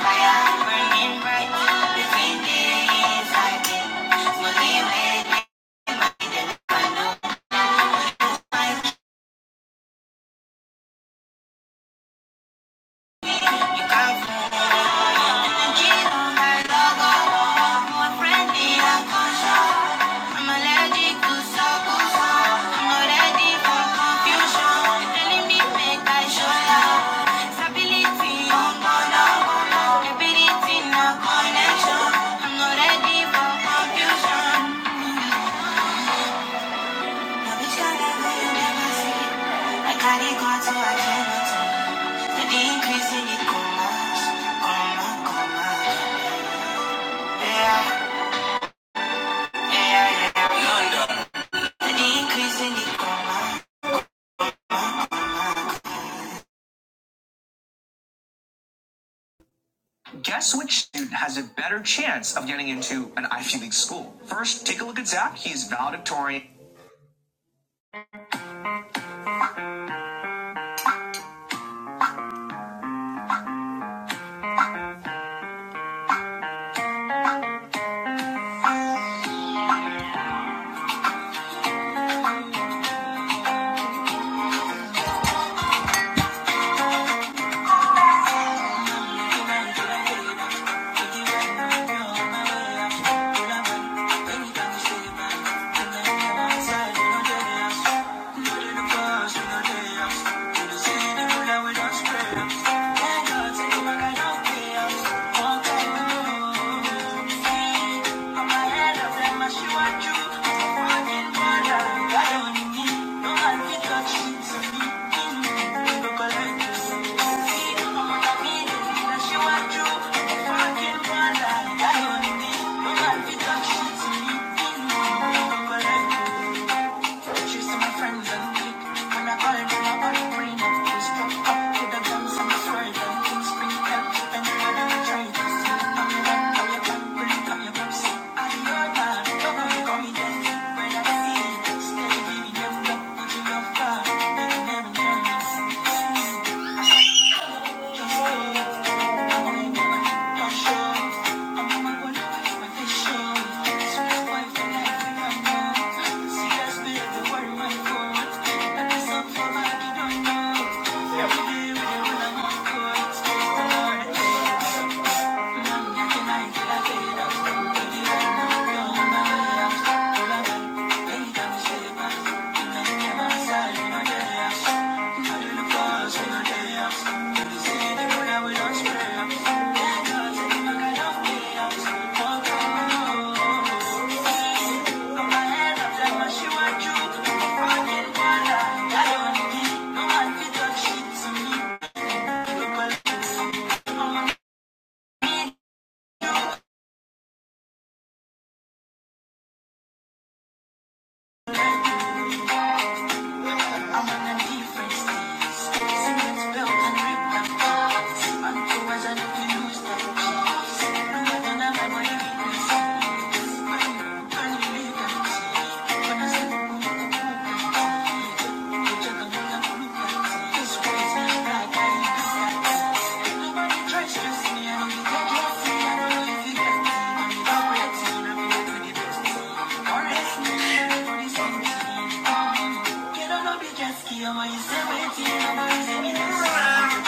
Fire burning bright between the inside. You can Carry God so I cannot tell. The increase in it, come on, come on, come on, yeah. Guess which student has a better chance of getting into an Ivy League school? First, take a look at Zach. He's valedictorian. She see my friends and click. When I call it, when I call it, bring it. We struck up with the guns and sword and things bring help. And you are the traitors. Come here, come here, come here, come here, come see. I'm your man, come on, come here. When I see, stay with me, love, love, love, love, love, love, love, love. Just give me the same.